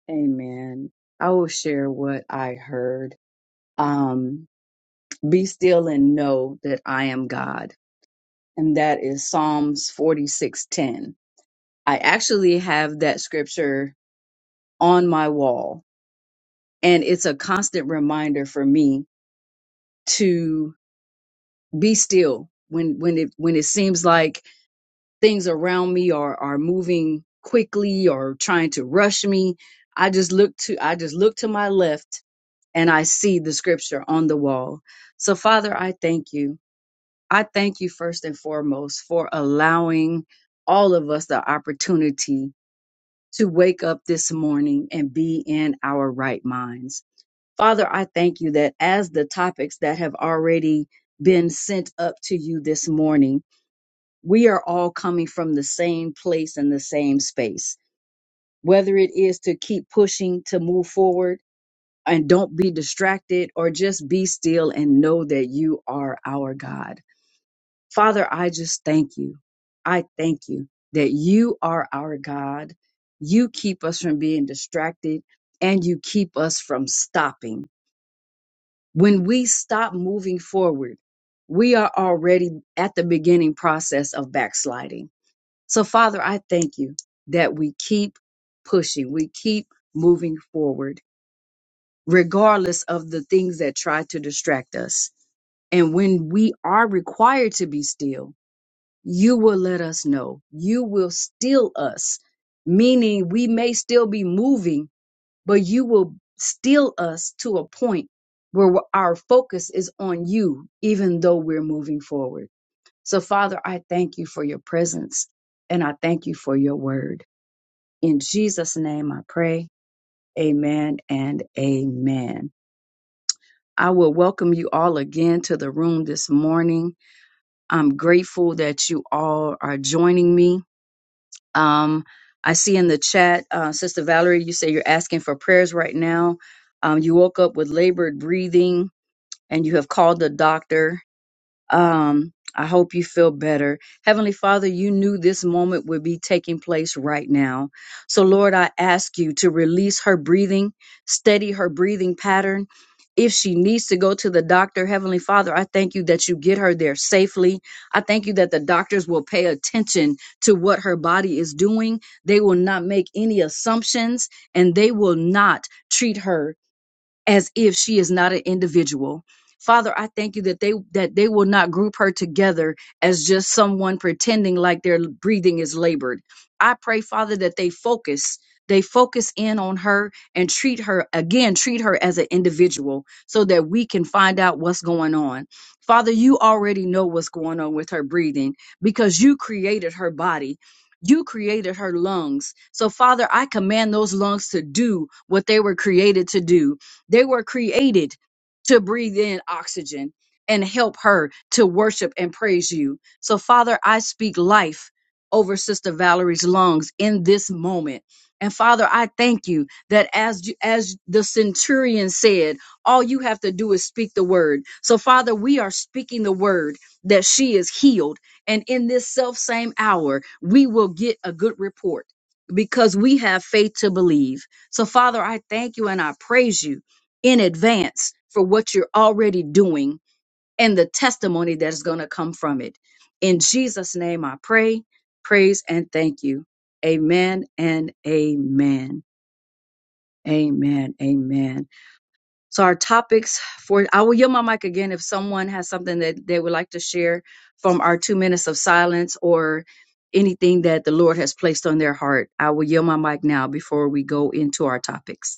A: Amen. I will share what I heard. Um, be still and know that I am God. And that is Psalms 46:10. I actually have that scripture on my wall, and it's a constant reminder for me to be still when when it when it seems like things around me are are moving quickly or trying to rush me. I just look to I just look to my left and I see the scripture on the wall. So, Father, I thank you. I thank you first and foremost for allowing all of us the opportunity to wake up this morning and be in our right minds. Father, I thank you that as the topics that have already been sent up to you this morning, we are all coming from the same place and the same space, whether it is to keep pushing to move forward and don't be distracted or just be still and know that you are our God. Father, I just thank you. I thank you that you are our God. You keep us from being distracted and you keep us from stopping. When we stop moving forward, we are already at the beginning process of backsliding. So Father, I thank you that we keep pushing. We keep moving forward regardless of the things that try to distract us. And when we are required to be still, you will let us know. You will still us, meaning we may still be moving, but you will still us to a point where w- our focus is on you, even though we're moving forward. So, Father, I thank you for your presence and I thank you for your word. In Jesus' name I pray. Amen and amen. I will welcome you all again to the room this morning. I'm grateful that you all are joining me. Um, I see in the chat, uh, Sister Valerie, you say you're asking for prayers right now. Um, you woke up with labored breathing and you have called the doctor um, I hope you feel better. Heavenly Father, you knew this moment would be taking place right now. So, Lord, I ask you to release her breathing, steady her breathing pattern. If she needs to go to the doctor, Heavenly Father, I thank you that you get her there safely. I thank you that the doctors will pay attention to what her body is doing. They will not make any assumptions and they will not treat her as if she is not an individual. Father, I thank you that they that they will not group her together as just someone pretending like their breathing is labored. I pray, Father, that they focus they focus in on her and treat her again, treat her as an individual so that we can find out what's going on. Father, you already know what's going on with her breathing because you created her body. You created her lungs. So, Father, I command those lungs to do what they were created to do they were created to breathe in oxygen and help her to worship and praise you. So, Father, I speak life over Sister Valerie's lungs in this moment. And Father, I thank you that as you, as the centurion said, all you have to do is speak the word. So Father, we are speaking the word that she is healed and in this self same hour, we will get a good report because we have faith to believe. So, Father, I thank you and I praise you in advance for what you're already doing and the testimony that is going to come from it. In Jesus' name, I pray, praise, and thank you. Amen and amen. Amen. Amen. So, our topics for I will yield my mic again if someone has something that they would like to share from our two minutes of silence or anything that the Lord has placed on their heart. I will yield my mic now before we go into our topics.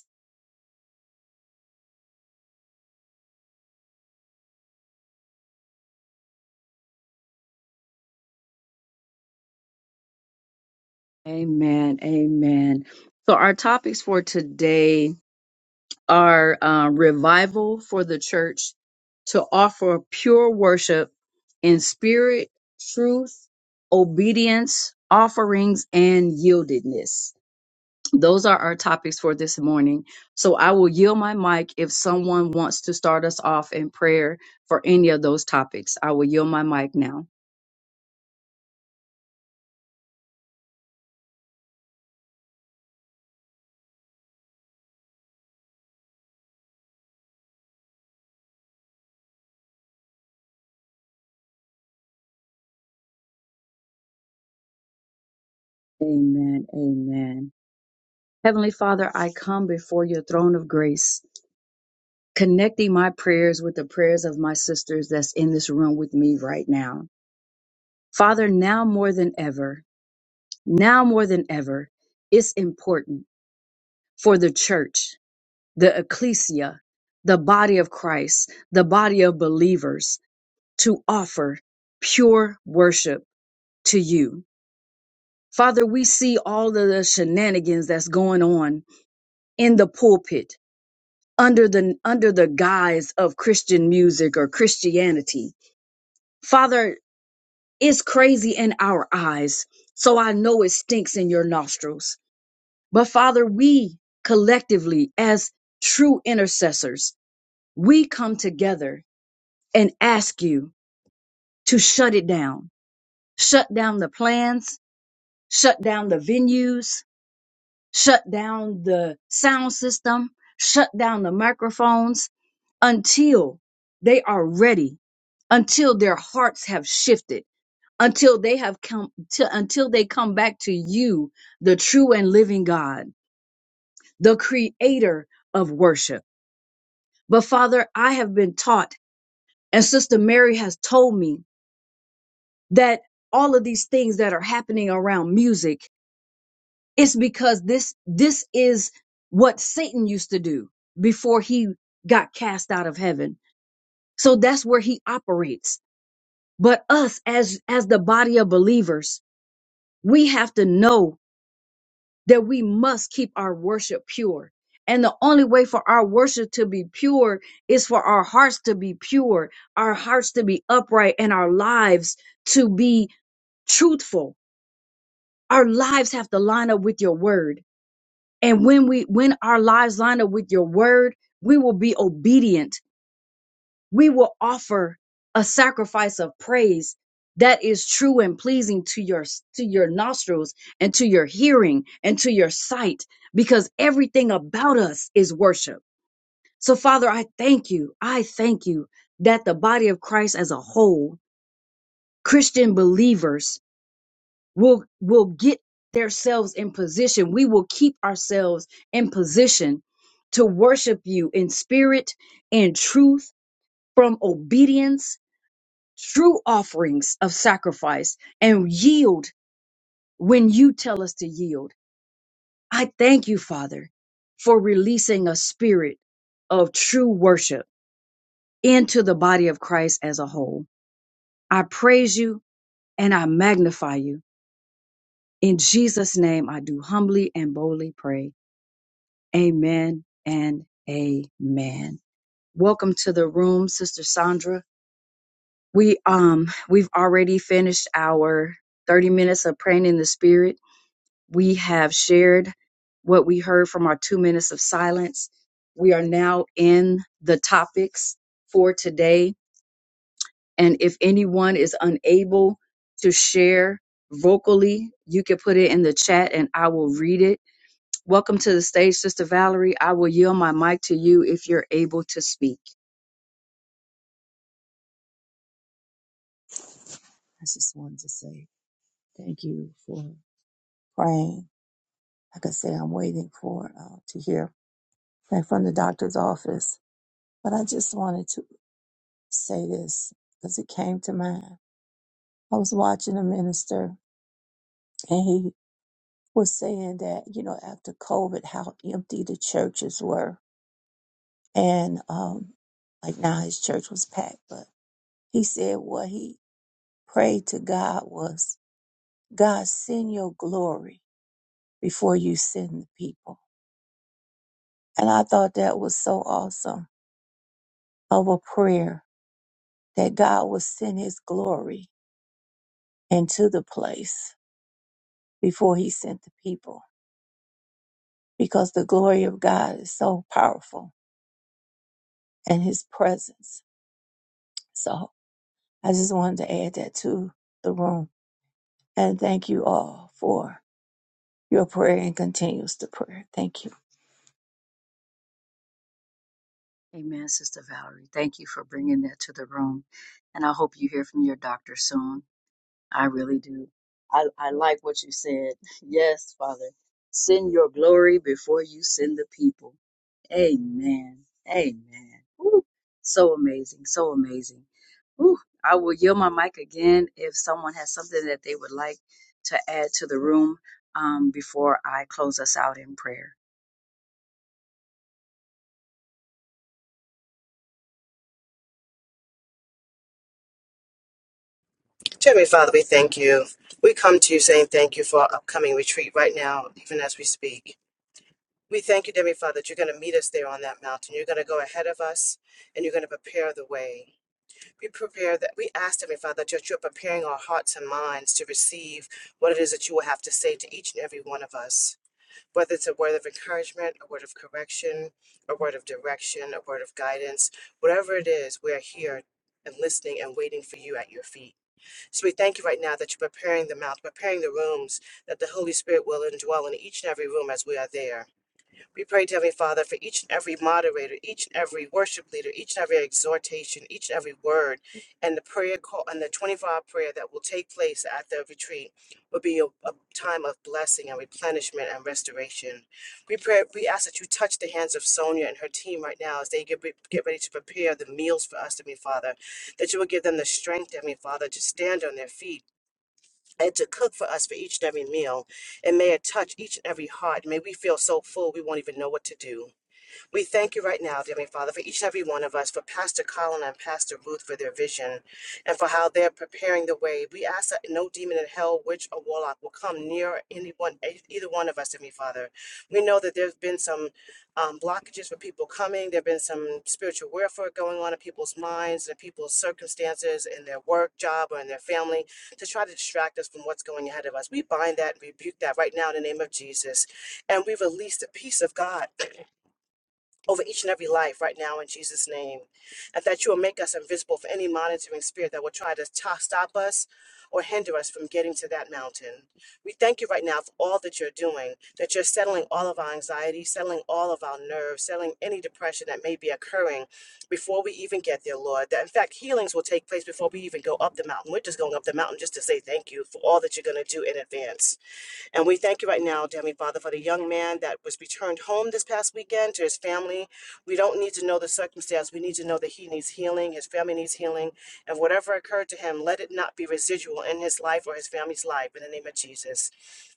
A: Amen. Amen. So, our topics for today are uh, revival for the church to offer pure worship in spirit, truth, obedience, offerings, and yieldedness. Those are our topics for this morning. So, I will yield my mic if someone wants to start us off in prayer for any of those topics. I will yield my mic now. Amen. Amen. Heavenly Father, I come before your throne of grace. connecting my prayers with the prayers of my sisters that's in this room with me right now. Father, now more than ever, now more than ever, it's important for the church, the ecclesia, the body of Christ, the body of believers to offer pure worship to you. Father, we see all of the shenanigans that's going on in the pulpit under the under the guise of Christian music or Christianity. Father, It's crazy in our eyes. So I know it stinks in your nostrils. But Father, we collectively, as true intercessors, we come together and ask you to shut it down. Shut down the plans, shut down the venues, shut down the sound system, shut down the microphones until they are ready, until their hearts have shifted until they have come to, until they come back to you, the true and living God, the creator of worship. But Father, I have been taught and Sister Mary has told me that all of these things that are happening around music, it's because this, this is what Satan used to do before he got cast out of heaven. So that's where he operates. But us as, as the body of believers, we have to know that we must keep our worship pure. And the only way for our worship to be pure is for our hearts to be pure, our hearts to be upright, and our lives to be truthful. Our lives have to line up with your word. And when we when our lives line up with your word, we will be obedient we will offer a sacrifice of praise that is true and pleasing to your to your nostrils and to your hearing and to your sight because everything about us is worship. So Father, I thank you. I thank you that the body of Christ as a whole, Christian believers will will get themselves in position. We will keep ourselves in position to worship you in spirit and truth from obedience true offerings of sacrifice and yield when you tell us to yield. I thank you, Father, for releasing a spirit of true worship into the body of Christ as a whole. I praise you and I magnify you. In Jesus' name, I do humbly and boldly pray. Amen and amen. Welcome to the room, Sister Sandra. We um we've already finished our 30 minutes of praying in the spirit We have shared what we heard from our two minutes of silence. We are now in the topics for today. And if anyone is unable to share vocally, you can put it in the chat and I will read it. Welcome to the stage, Sister Valerie. I will yield my mic to you if you're able to speak.
F: I just wanted to say thank you for praying. Like I say, I'm waiting for uh, to hear back from the doctor's office. But I just wanted to say this because it came to mind. I was watching a minister and he was saying that, you know, after COVID, how empty the churches were. And um, like now his church was packed. But he said what he prayed to God was, God, send your glory before you send the people. And I thought that was so awesome of a prayer that God would send his glory into the place before he sent the people because the glory of God is so powerful and his presence. So I just wanted to add that to the room and thank you all for your prayer and continues to prayer. Thank you.
A: Amen, Sister Valerie. Thank you for bringing that to the room. And I hope you hear from your doctor soon. I really do. I, I like what you said. Yes, Father. Send your glory before you send the people. Amen. Amen. Woo. So amazing. So amazing. Woo. I will yield my mic again if someone has something that they would like to add to the room um, before I close us out in prayer.
G: Heavenly Father, we thank you. We come to you saying thank you for our upcoming retreat right now, even as we speak. We thank you, Heavenly Father, that you're going to meet us there on that mountain. You're going to go ahead of us and you're going to prepare the way. We prepare that we ask, Heavenly Father, that you're preparing our hearts and minds to receive what it is that you will have to say to each and every one of us. Whether it's a word of encouragement, a word of correction, a word of direction, a word of guidance, whatever it is, we are here and listening and waiting for you at your feet. So we thank you right now that you're preparing the mouth, preparing the rooms, that the Holy Spirit will indwell in each and every room as we are there. We pray, dear Heavenly Father, for each and every moderator, each and every worship leader, each and every exhortation, each and every word, and the prayer call and the 24 hour prayer that will take place at the retreat will be a, a time of blessing and replenishment and restoration. We pray, we ask that you touch the hands of Sonia and her team right now as they get, re- get ready to prepare the meals for us, Heavenly Father, that you will give them the strength, Heavenly Father, to stand on their feet and to cook for us for each and every meal. And may it touch each and every heart. May we feel so full we won't even know what to do. We thank you right now, dear Heavenly Father, for each and every one of us, for Pastor Colin and Pastor Ruth for their vision and for how they're preparing the way. We ask that no demon in hell, witch, or warlock will come near anyone, e- either one of us, dear Heavenly Father. We know that there's been some um, blockages for people coming. There have been some spiritual warfare going on in people's minds and people's circumstances in their work, job, or in their family to try to distract us from what's going ahead of us. We bind that and rebuke that right now in the name of Jesus. And we release the peace of God over each and every life right now in Jesus' name. And that you will make us invisible for any monitoring spirit that will try to to- stop us or hinder us from getting to that mountain. We thank you right now for all that you're doing, that you're settling all of our anxiety, settling all of our nerves, settling any depression that may be occurring before we even get there, Lord. That in fact, healings will take place before we even go up the mountain. We're just going up the mountain just to say thank you for all that you're going to do in advance. And we thank you right now, dear Heavenly Father, for the young man that was returned home this past weekend to his family. We don't need to know the circumstance. We need to know that he needs healing, his family needs healing. And whatever occurred to him, let it not be residual in his life or his family's life in the name of Jesus.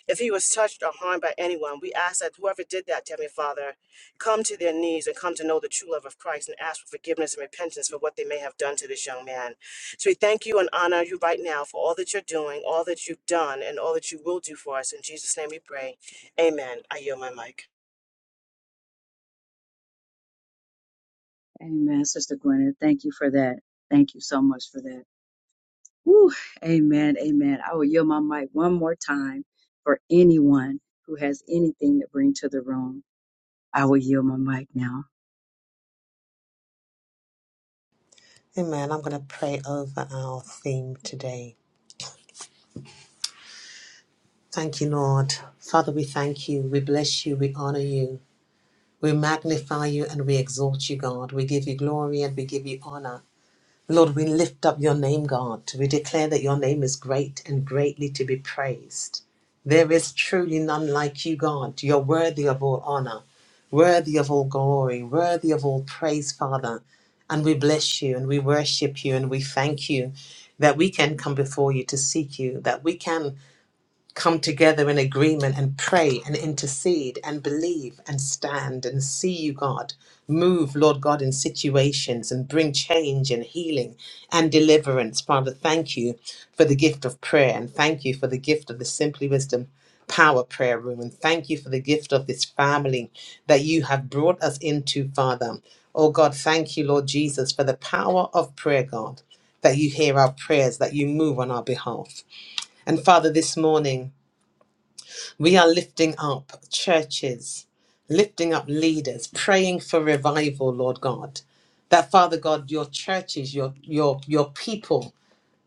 G: If he was touched or harmed by anyone, we ask that whoever did that, Heavenly Father, come to their knees and come to know the true love of Christ and ask for forgiveness and repentance for what they may have done to this young man. So we thank you and honor you right now for all that you're doing, all that you've done, and all that you will do for us. In Jesus' name we pray. Amen. I yield my mic.
A: Amen. Sister Gwyneth, thank you for that. Thank you so much for that. Whew, amen, amen. I will yield my mic one more time for anyone who has anything to bring to the room. I will yield my mic now.
D: Amen. I'm going to pray over our theme today. Thank you, Lord. Father, we thank you. We bless you. We honor you. We magnify you and we exalt you, God. We give you glory and we give you honor. Lord, we lift up your name, God. We declare that your name is great and greatly to be praised. There is truly none like you, God. You're worthy of all honor, worthy of all glory, worthy of all praise, Father. And we bless you and we worship you and we thank you that we can come before you to seek you, that we can come together in agreement and pray and intercede and believe and stand and see you, God. Move, Lord God, in situations and bring change and healing and deliverance. Father, thank you for the gift of prayer and thank you for the gift of the Simply Wisdom Power Prayer Room and thank you for the gift of this family that you have brought us into, Father. Oh God, thank you, Lord Jesus, for the power of prayer, God, that you hear our prayers, that you move on our behalf. And Father, this morning, we are lifting up churches, lifting up leaders, praying for revival, Lord God. That Father God, your churches, your your your people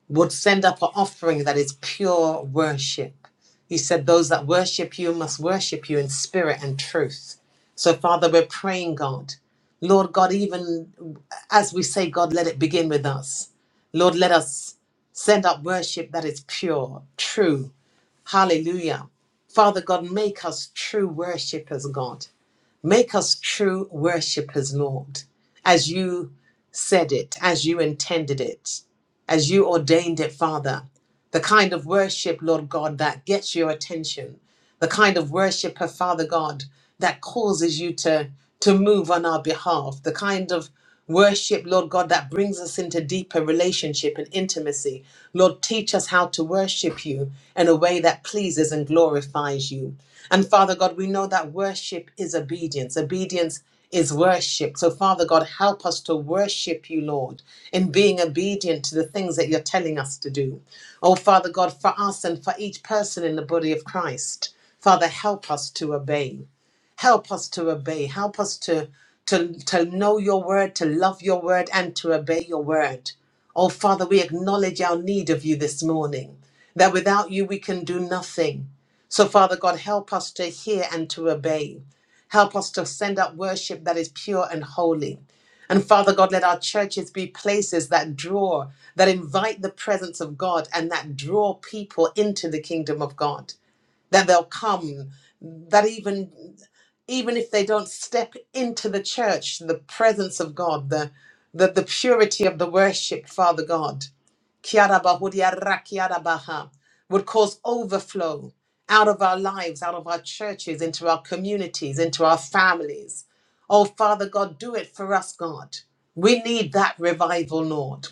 D: would send up an offering that is pure worship. You said those that worship you must worship you in spirit and truth. So Father, we're praying, God. Lord God, even as we say, God, let it begin with us. Lord, let us send up worship that is pure, true, Hallelujah. Father God, make us true worshippers, God. Make us true worshippers, Lord, as you said it, as you intended it, as you ordained it, Father. The kind of worship, Lord God, that gets your attention, the kind of worshiper, Father God, that causes you to, to move on our behalf, the kind of worship, Lord God, that brings us into deeper relationship and intimacy. Lord, teach us how to worship you in a way that pleases and glorifies you. And Father God, we know that worship is obedience. Obedience is worship. So, Father God, help us to worship you, Lord, in being obedient to the things that you're telling us to do. Oh, Father God, for us and for each person in the body of Christ. Father, help us to obey. Help us to obey. Help us to, to, to know your word, to love your word, and to obey your word. Oh, Father, we acknowledge our need of you this morning, that without you we can do nothing. So, Father God, help us to hear and to obey. Help us to send up worship that is pure and holy. And Father God, let our churches be places that draw, that invite the presence of God and that draw people into the kingdom of God then they'll come that even even if they don't step into the church the presence of god the the, the purity of the worship father god Kiarabahudiarakiarabaha, would cause overflow out of our lives, out of our churches, into our communities, into our families. Oh, Father God, do it for us, God. We need that revival, Lord.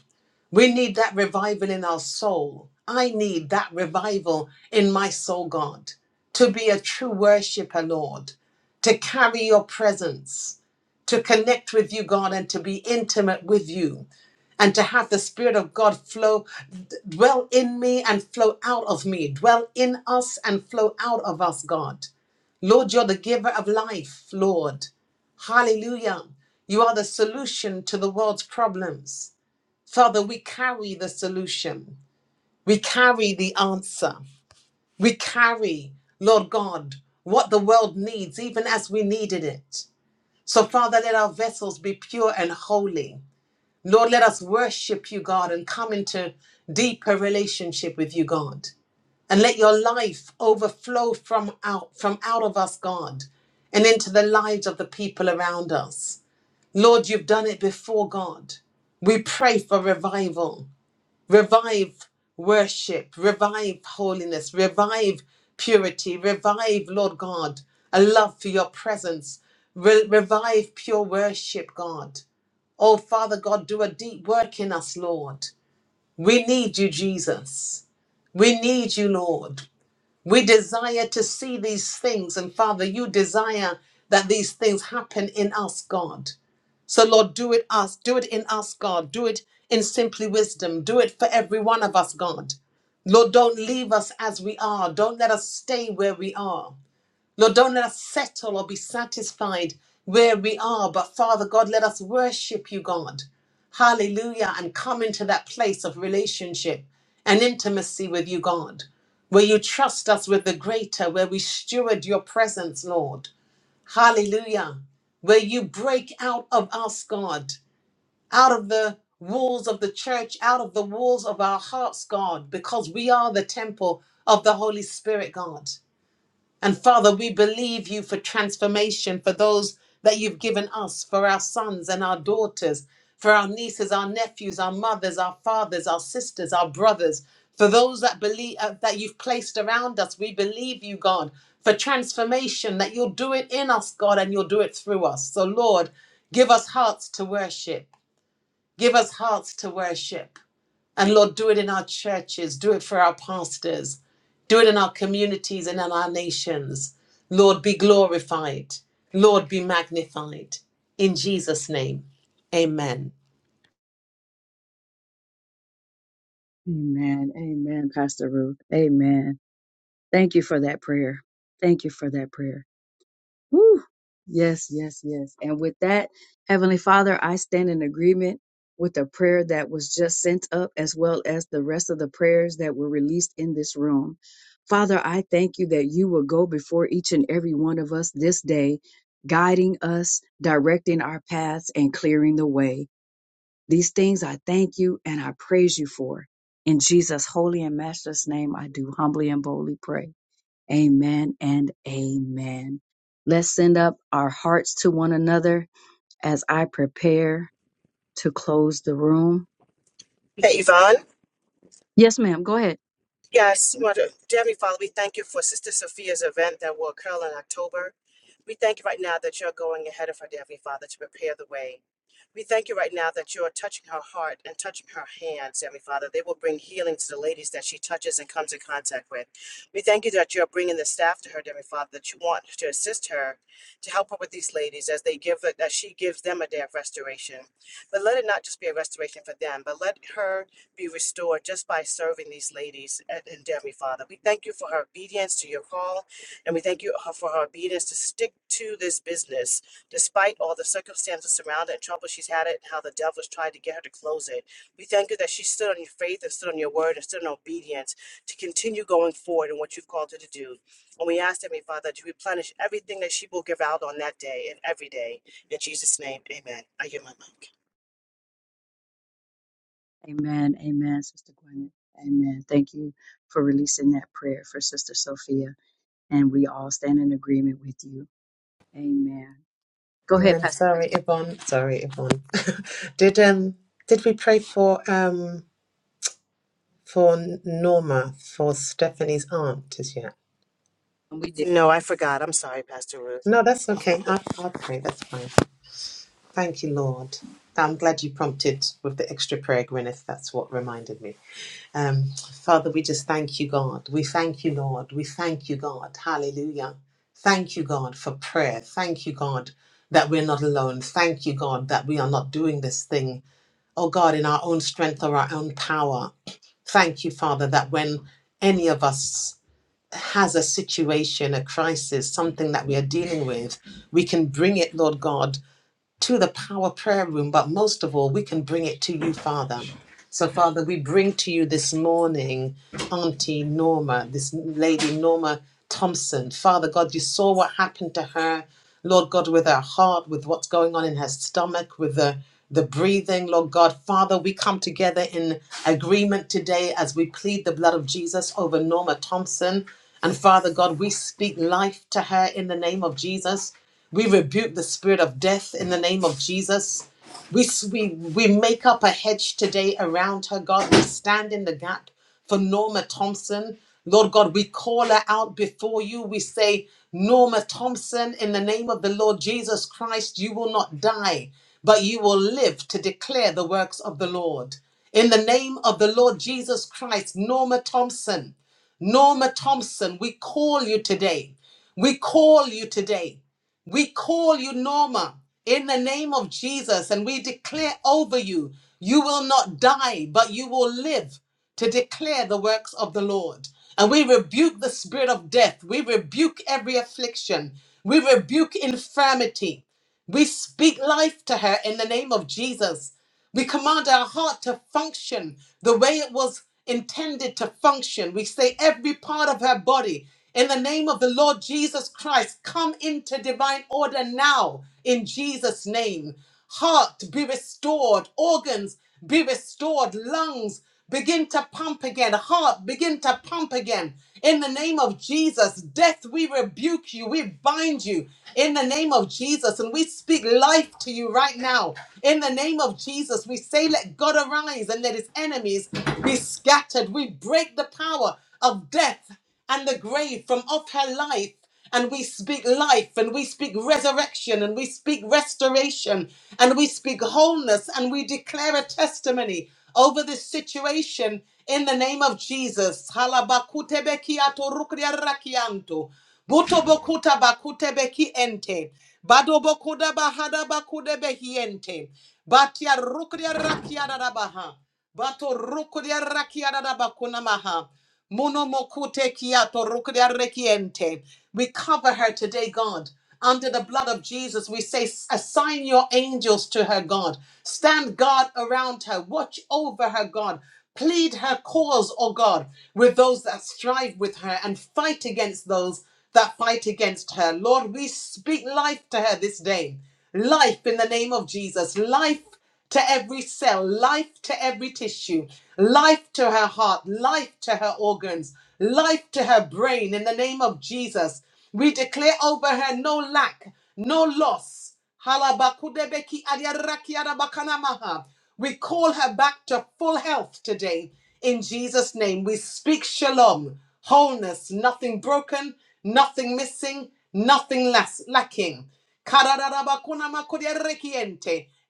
D: We need that revival in our soul. I need that revival in my soul, God, to be a true worshiper, Lord, to carry your presence, to connect with you, God, and to be intimate with you and to have the Spirit of God flow, dwell in me and flow out of me, dwell in us and flow out of us, God. Lord, you're the giver of life, Lord. Hallelujah. You are the solution to the world's problems. Father, we carry the solution, we carry the answer, we carry, Lord God, what the world needs, even as we needed it. So, Father, let our vessels be pure and holy. Lord, let us worship you, God, and come into deeper relationship with you, God. And let your life overflow from out from out of us, God, and into the lives of the people around us. Lord, you've done it before, God. We pray for revival revive worship, revive holiness, revive purity, revive, Lord God, a love for your presence, Re- revive pure worship, God. Oh, Father God, do a deep work in us, Lord. We need you, Jesus. We need you, Lord. We desire to see these things. And Father, you desire that these things happen in us, God. So Lord, do it us, do it in us, God. Do it in simply wisdom. Do it for every one of us, God. Lord, don't leave us as we are. Don't let us stay where we are. Lord, don't let us settle or be satisfied where we are, but Father God, let us worship you, God. Hallelujah. And come into that place of relationship and intimacy with you, God, where you trust us with the greater, where we steward your presence, Lord. Hallelujah. Where you break out of us, God, out of the walls of the church, out of the walls of our hearts, God, because we are the temple of the Holy Spirit, God. And Father, we believe you for transformation for those that you've given us, for our sons and our daughters, for our nieces, our nephews, our mothers, our fathers, our sisters, our brothers, for those that believe uh, that you've placed around us. We believe you, God, for transformation that you'll do it in us, God, and you'll do it through us. So, Lord, give us hearts to worship. Give us hearts to worship. And Lord, do it in our churches, do it for our pastors, do it in our communities and in our nations. Lord, be glorified. Lord, be magnified. In Jesus' name, amen.
A: Amen, amen, Pastor Ruth. Amen. Thank you for that prayer. Thank you for that prayer. Whew. Yes, yes, yes. And with that, Heavenly Father, I stand in agreement with the prayer that was just sent up, as well as the rest of the prayers that were released in this room. Father, I thank you that you will go before each and every one of us this day, guiding us, directing our paths, and clearing the way. These things I thank you and I praise you for. In Jesus' holy and matchless name, I do humbly and boldly pray. Amen and amen. Let's send up our hearts to one another as I prepare to close the room.
G: Hey, Yvonne.
A: Yes, ma'am. Go ahead.
G: Yes, Mother, Heavenly Father, we thank you for Sister Sophia's event that will occur in October. We thank you right now that you're going ahead of her, Heavenly Father, to prepare the way. We thank you right now that you are touching her heart and touching her hands, Heavenly Father. They will bring healing to the ladies that she touches and comes in contact with. We thank you that you are bringing the staff to her, Heavenly Father, that you want to assist her to help her with these ladies as they give that she gives them a day of restoration. But let it not just be a restoration for them, but let her be restored just by serving these ladies and, and Heavenly Father. We thank you for her obedience to your call, and we thank you uh, for her obedience to stick to this business Despite all the circumstances surrounding and trouble she's had it, and how the devil has tried to get her to close it, we thank you that she stood on your faith and stood on your word and stood in obedience to continue going forward in what you've called her to do. And we ask, Heavenly Father, to replenish everything that she will give out on that day and every day. In Jesus' name, amen. I give my mic.
A: Amen. Amen, Sister Gwyneth. Amen. Thank you for releasing that prayer for Sister Sophia. And we all stand in agreement with you. Amen. Go ahead,
D: Amen.
A: Pastor. B.
D: Sorry, Yvonne. Sorry, Yvonne. did um did we pray for um for Norma for Stephanie's aunt as yet?
A: And we did.
G: No, I forgot. I'm sorry, Pastor
D: No, that's
G: Ruth.
D: okay. I I'll pray. That's fine. Thank you, Lord. I'm glad you prompted with the extra prayer, Gwyneth. That's what reminded me. Um, Father, we just thank you, God. We thank you, Lord. We thank you, God. Hallelujah. Thank you, God, for prayer. Thank you, God, that we're not alone. Thank you, God, that we are not doing this thing, oh God, in our own strength or our own power. Thank you, Father, that when any of us has a situation, a crisis, something that we are dealing with, we can bring it, Lord God, to the power prayer room, but most of all, we can bring it to you, Father. So, Father, we bring to you this morning Auntie Norma, this lady Norma Thompson. Father God, you saw what happened to her. Lord God, with her heart, with what's going on in her stomach, with the the breathing, Lord God. Father, we come together in agreement today as we plead the blood of Jesus over Norma Thompson. And Father God, we speak life to her in the name of Jesus. We rebuke the spirit of death in the name of Jesus. We, we, we make up a hedge today around her, God. We stand in the gap for Norma Thompson. Lord God, we call her out before you. We say, Norma Thompson, in the name of the Lord Jesus Christ, you will not die, but you will live to declare the works of the Lord. In the name of the Lord Jesus Christ, Norma Thompson, Norma Thompson, we call you today. We call you today. We call you Norma in the name of Jesus and we declare over you, you will not die, but you will live to declare the works of the Lord. And we rebuke the spirit of death. We rebuke every affliction. We rebuke infirmity. We speak life to her in the name of Jesus. We command our heart to function the way it was intended to function. We say every part of her body, in the name of the Lord Jesus Christ, come into divine order now in Jesus' name heart be restored, organs be restored, lungs begin to pump again, heart begin to pump again. In the name of Jesus, death, we rebuke you, we bind you in the name of Jesus, and we speak life to you right now. In the name of Jesus, we say, Let God arise and let his enemies be scattered. We break the power of death and the grave from off her life. And we speak life and we speak resurrection and we speak restoration and we speak wholeness and we declare a testimony over this situation in the name of Jesus. Halabakutebekiato rukriarakianto. Butobokuta bakutebeki ente. Badobokuda bahada bakudebehiente. Batia rukriarakiadarabaha. Bato rukudia rakia da da bakuna maha. Mono mokute kiato rukudia rekiente. We cover her today, God. Under the blood of Jesus, we say, assign your angels to her, God. Stand guard around her. Watch over her, God. Plead her cause, O God, with those that strive with her and fight against those that fight against her. Lord, we speak life to her this day. Life in the name of Jesus. Life to every cell, life to every tissue, life to her heart, life to her organs, life to her brain. In the name of Jesus, we declare over her no lack, no loss. Halabakudebeki adiaraki We call her back to full health today. In Jesus' name, we speak shalom, wholeness, nothing broken, nothing missing, nothing las- lacking.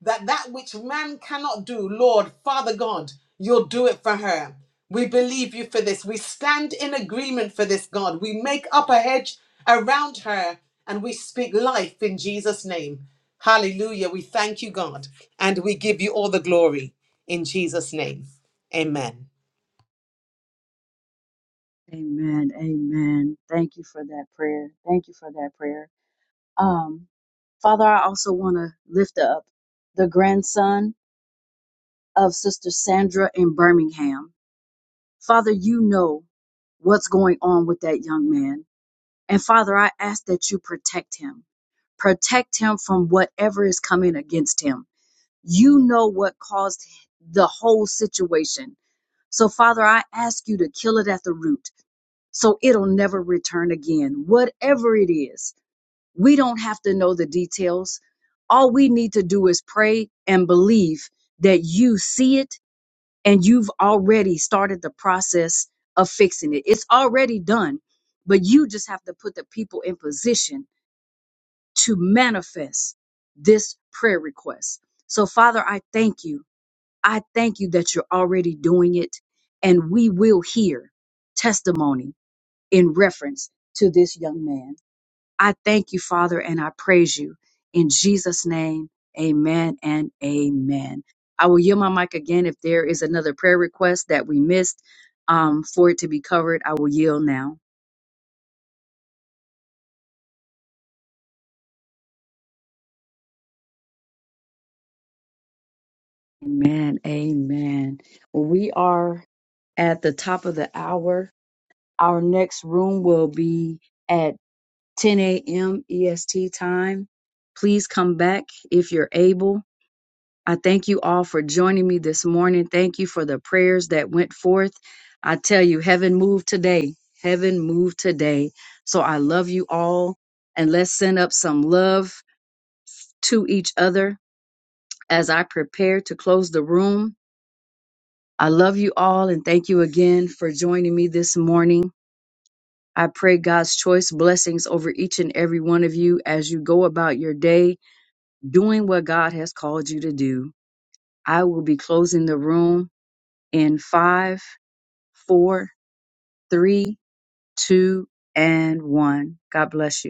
D: That that which man cannot do, Lord, Father God, you'll do it for her. We believe you for this. We stand in agreement for this, God. We make up a hedge around her and we speak life in Jesus' name. Hallelujah. We thank you, God, and we give you all the glory in Jesus' name. Amen.
A: Amen. Amen. Thank you for that prayer. Thank you for that prayer. Um, Father, I also want to lift up the grandson of Sister Sandra in Birmingham. Father, you know what's going on with that young man. And Father, I ask that you protect him. Protect him from whatever is coming against him. You know what caused the whole situation. So, Father, I ask you to kill it at the root so it'll never return again. Whatever it is, we don't have to know the details. All we need to do is pray and believe that you see it and you've already started the process of fixing it. It's already done, but you just have to put the people in position to manifest this prayer request. So, Father, I thank you. I thank you that you're already doing it, and we will hear testimony in reference to this young man. I thank you, Father, and I praise you. In Jesus' name, amen and amen. I will yield my mic again if there is another prayer request that we missed um, for it to be covered. I will yield now. Amen. Amen. Well, we are at the top of the hour. Our next room will be at 10 a.m. EST time. Please come back if you're able. I thank you all for joining me this morning. Thank you for the prayers that went forth. I tell you, heaven moved today. Heaven moved today. So I love you all. And let's send up some love to each other as I prepare to close the room. I love you all and thank you again for joining me this morning. I pray God's choice blessings over each and every one of you as you go about your day doing what God has called you to do. I will be closing the room in five four, three, two, and one. God bless you.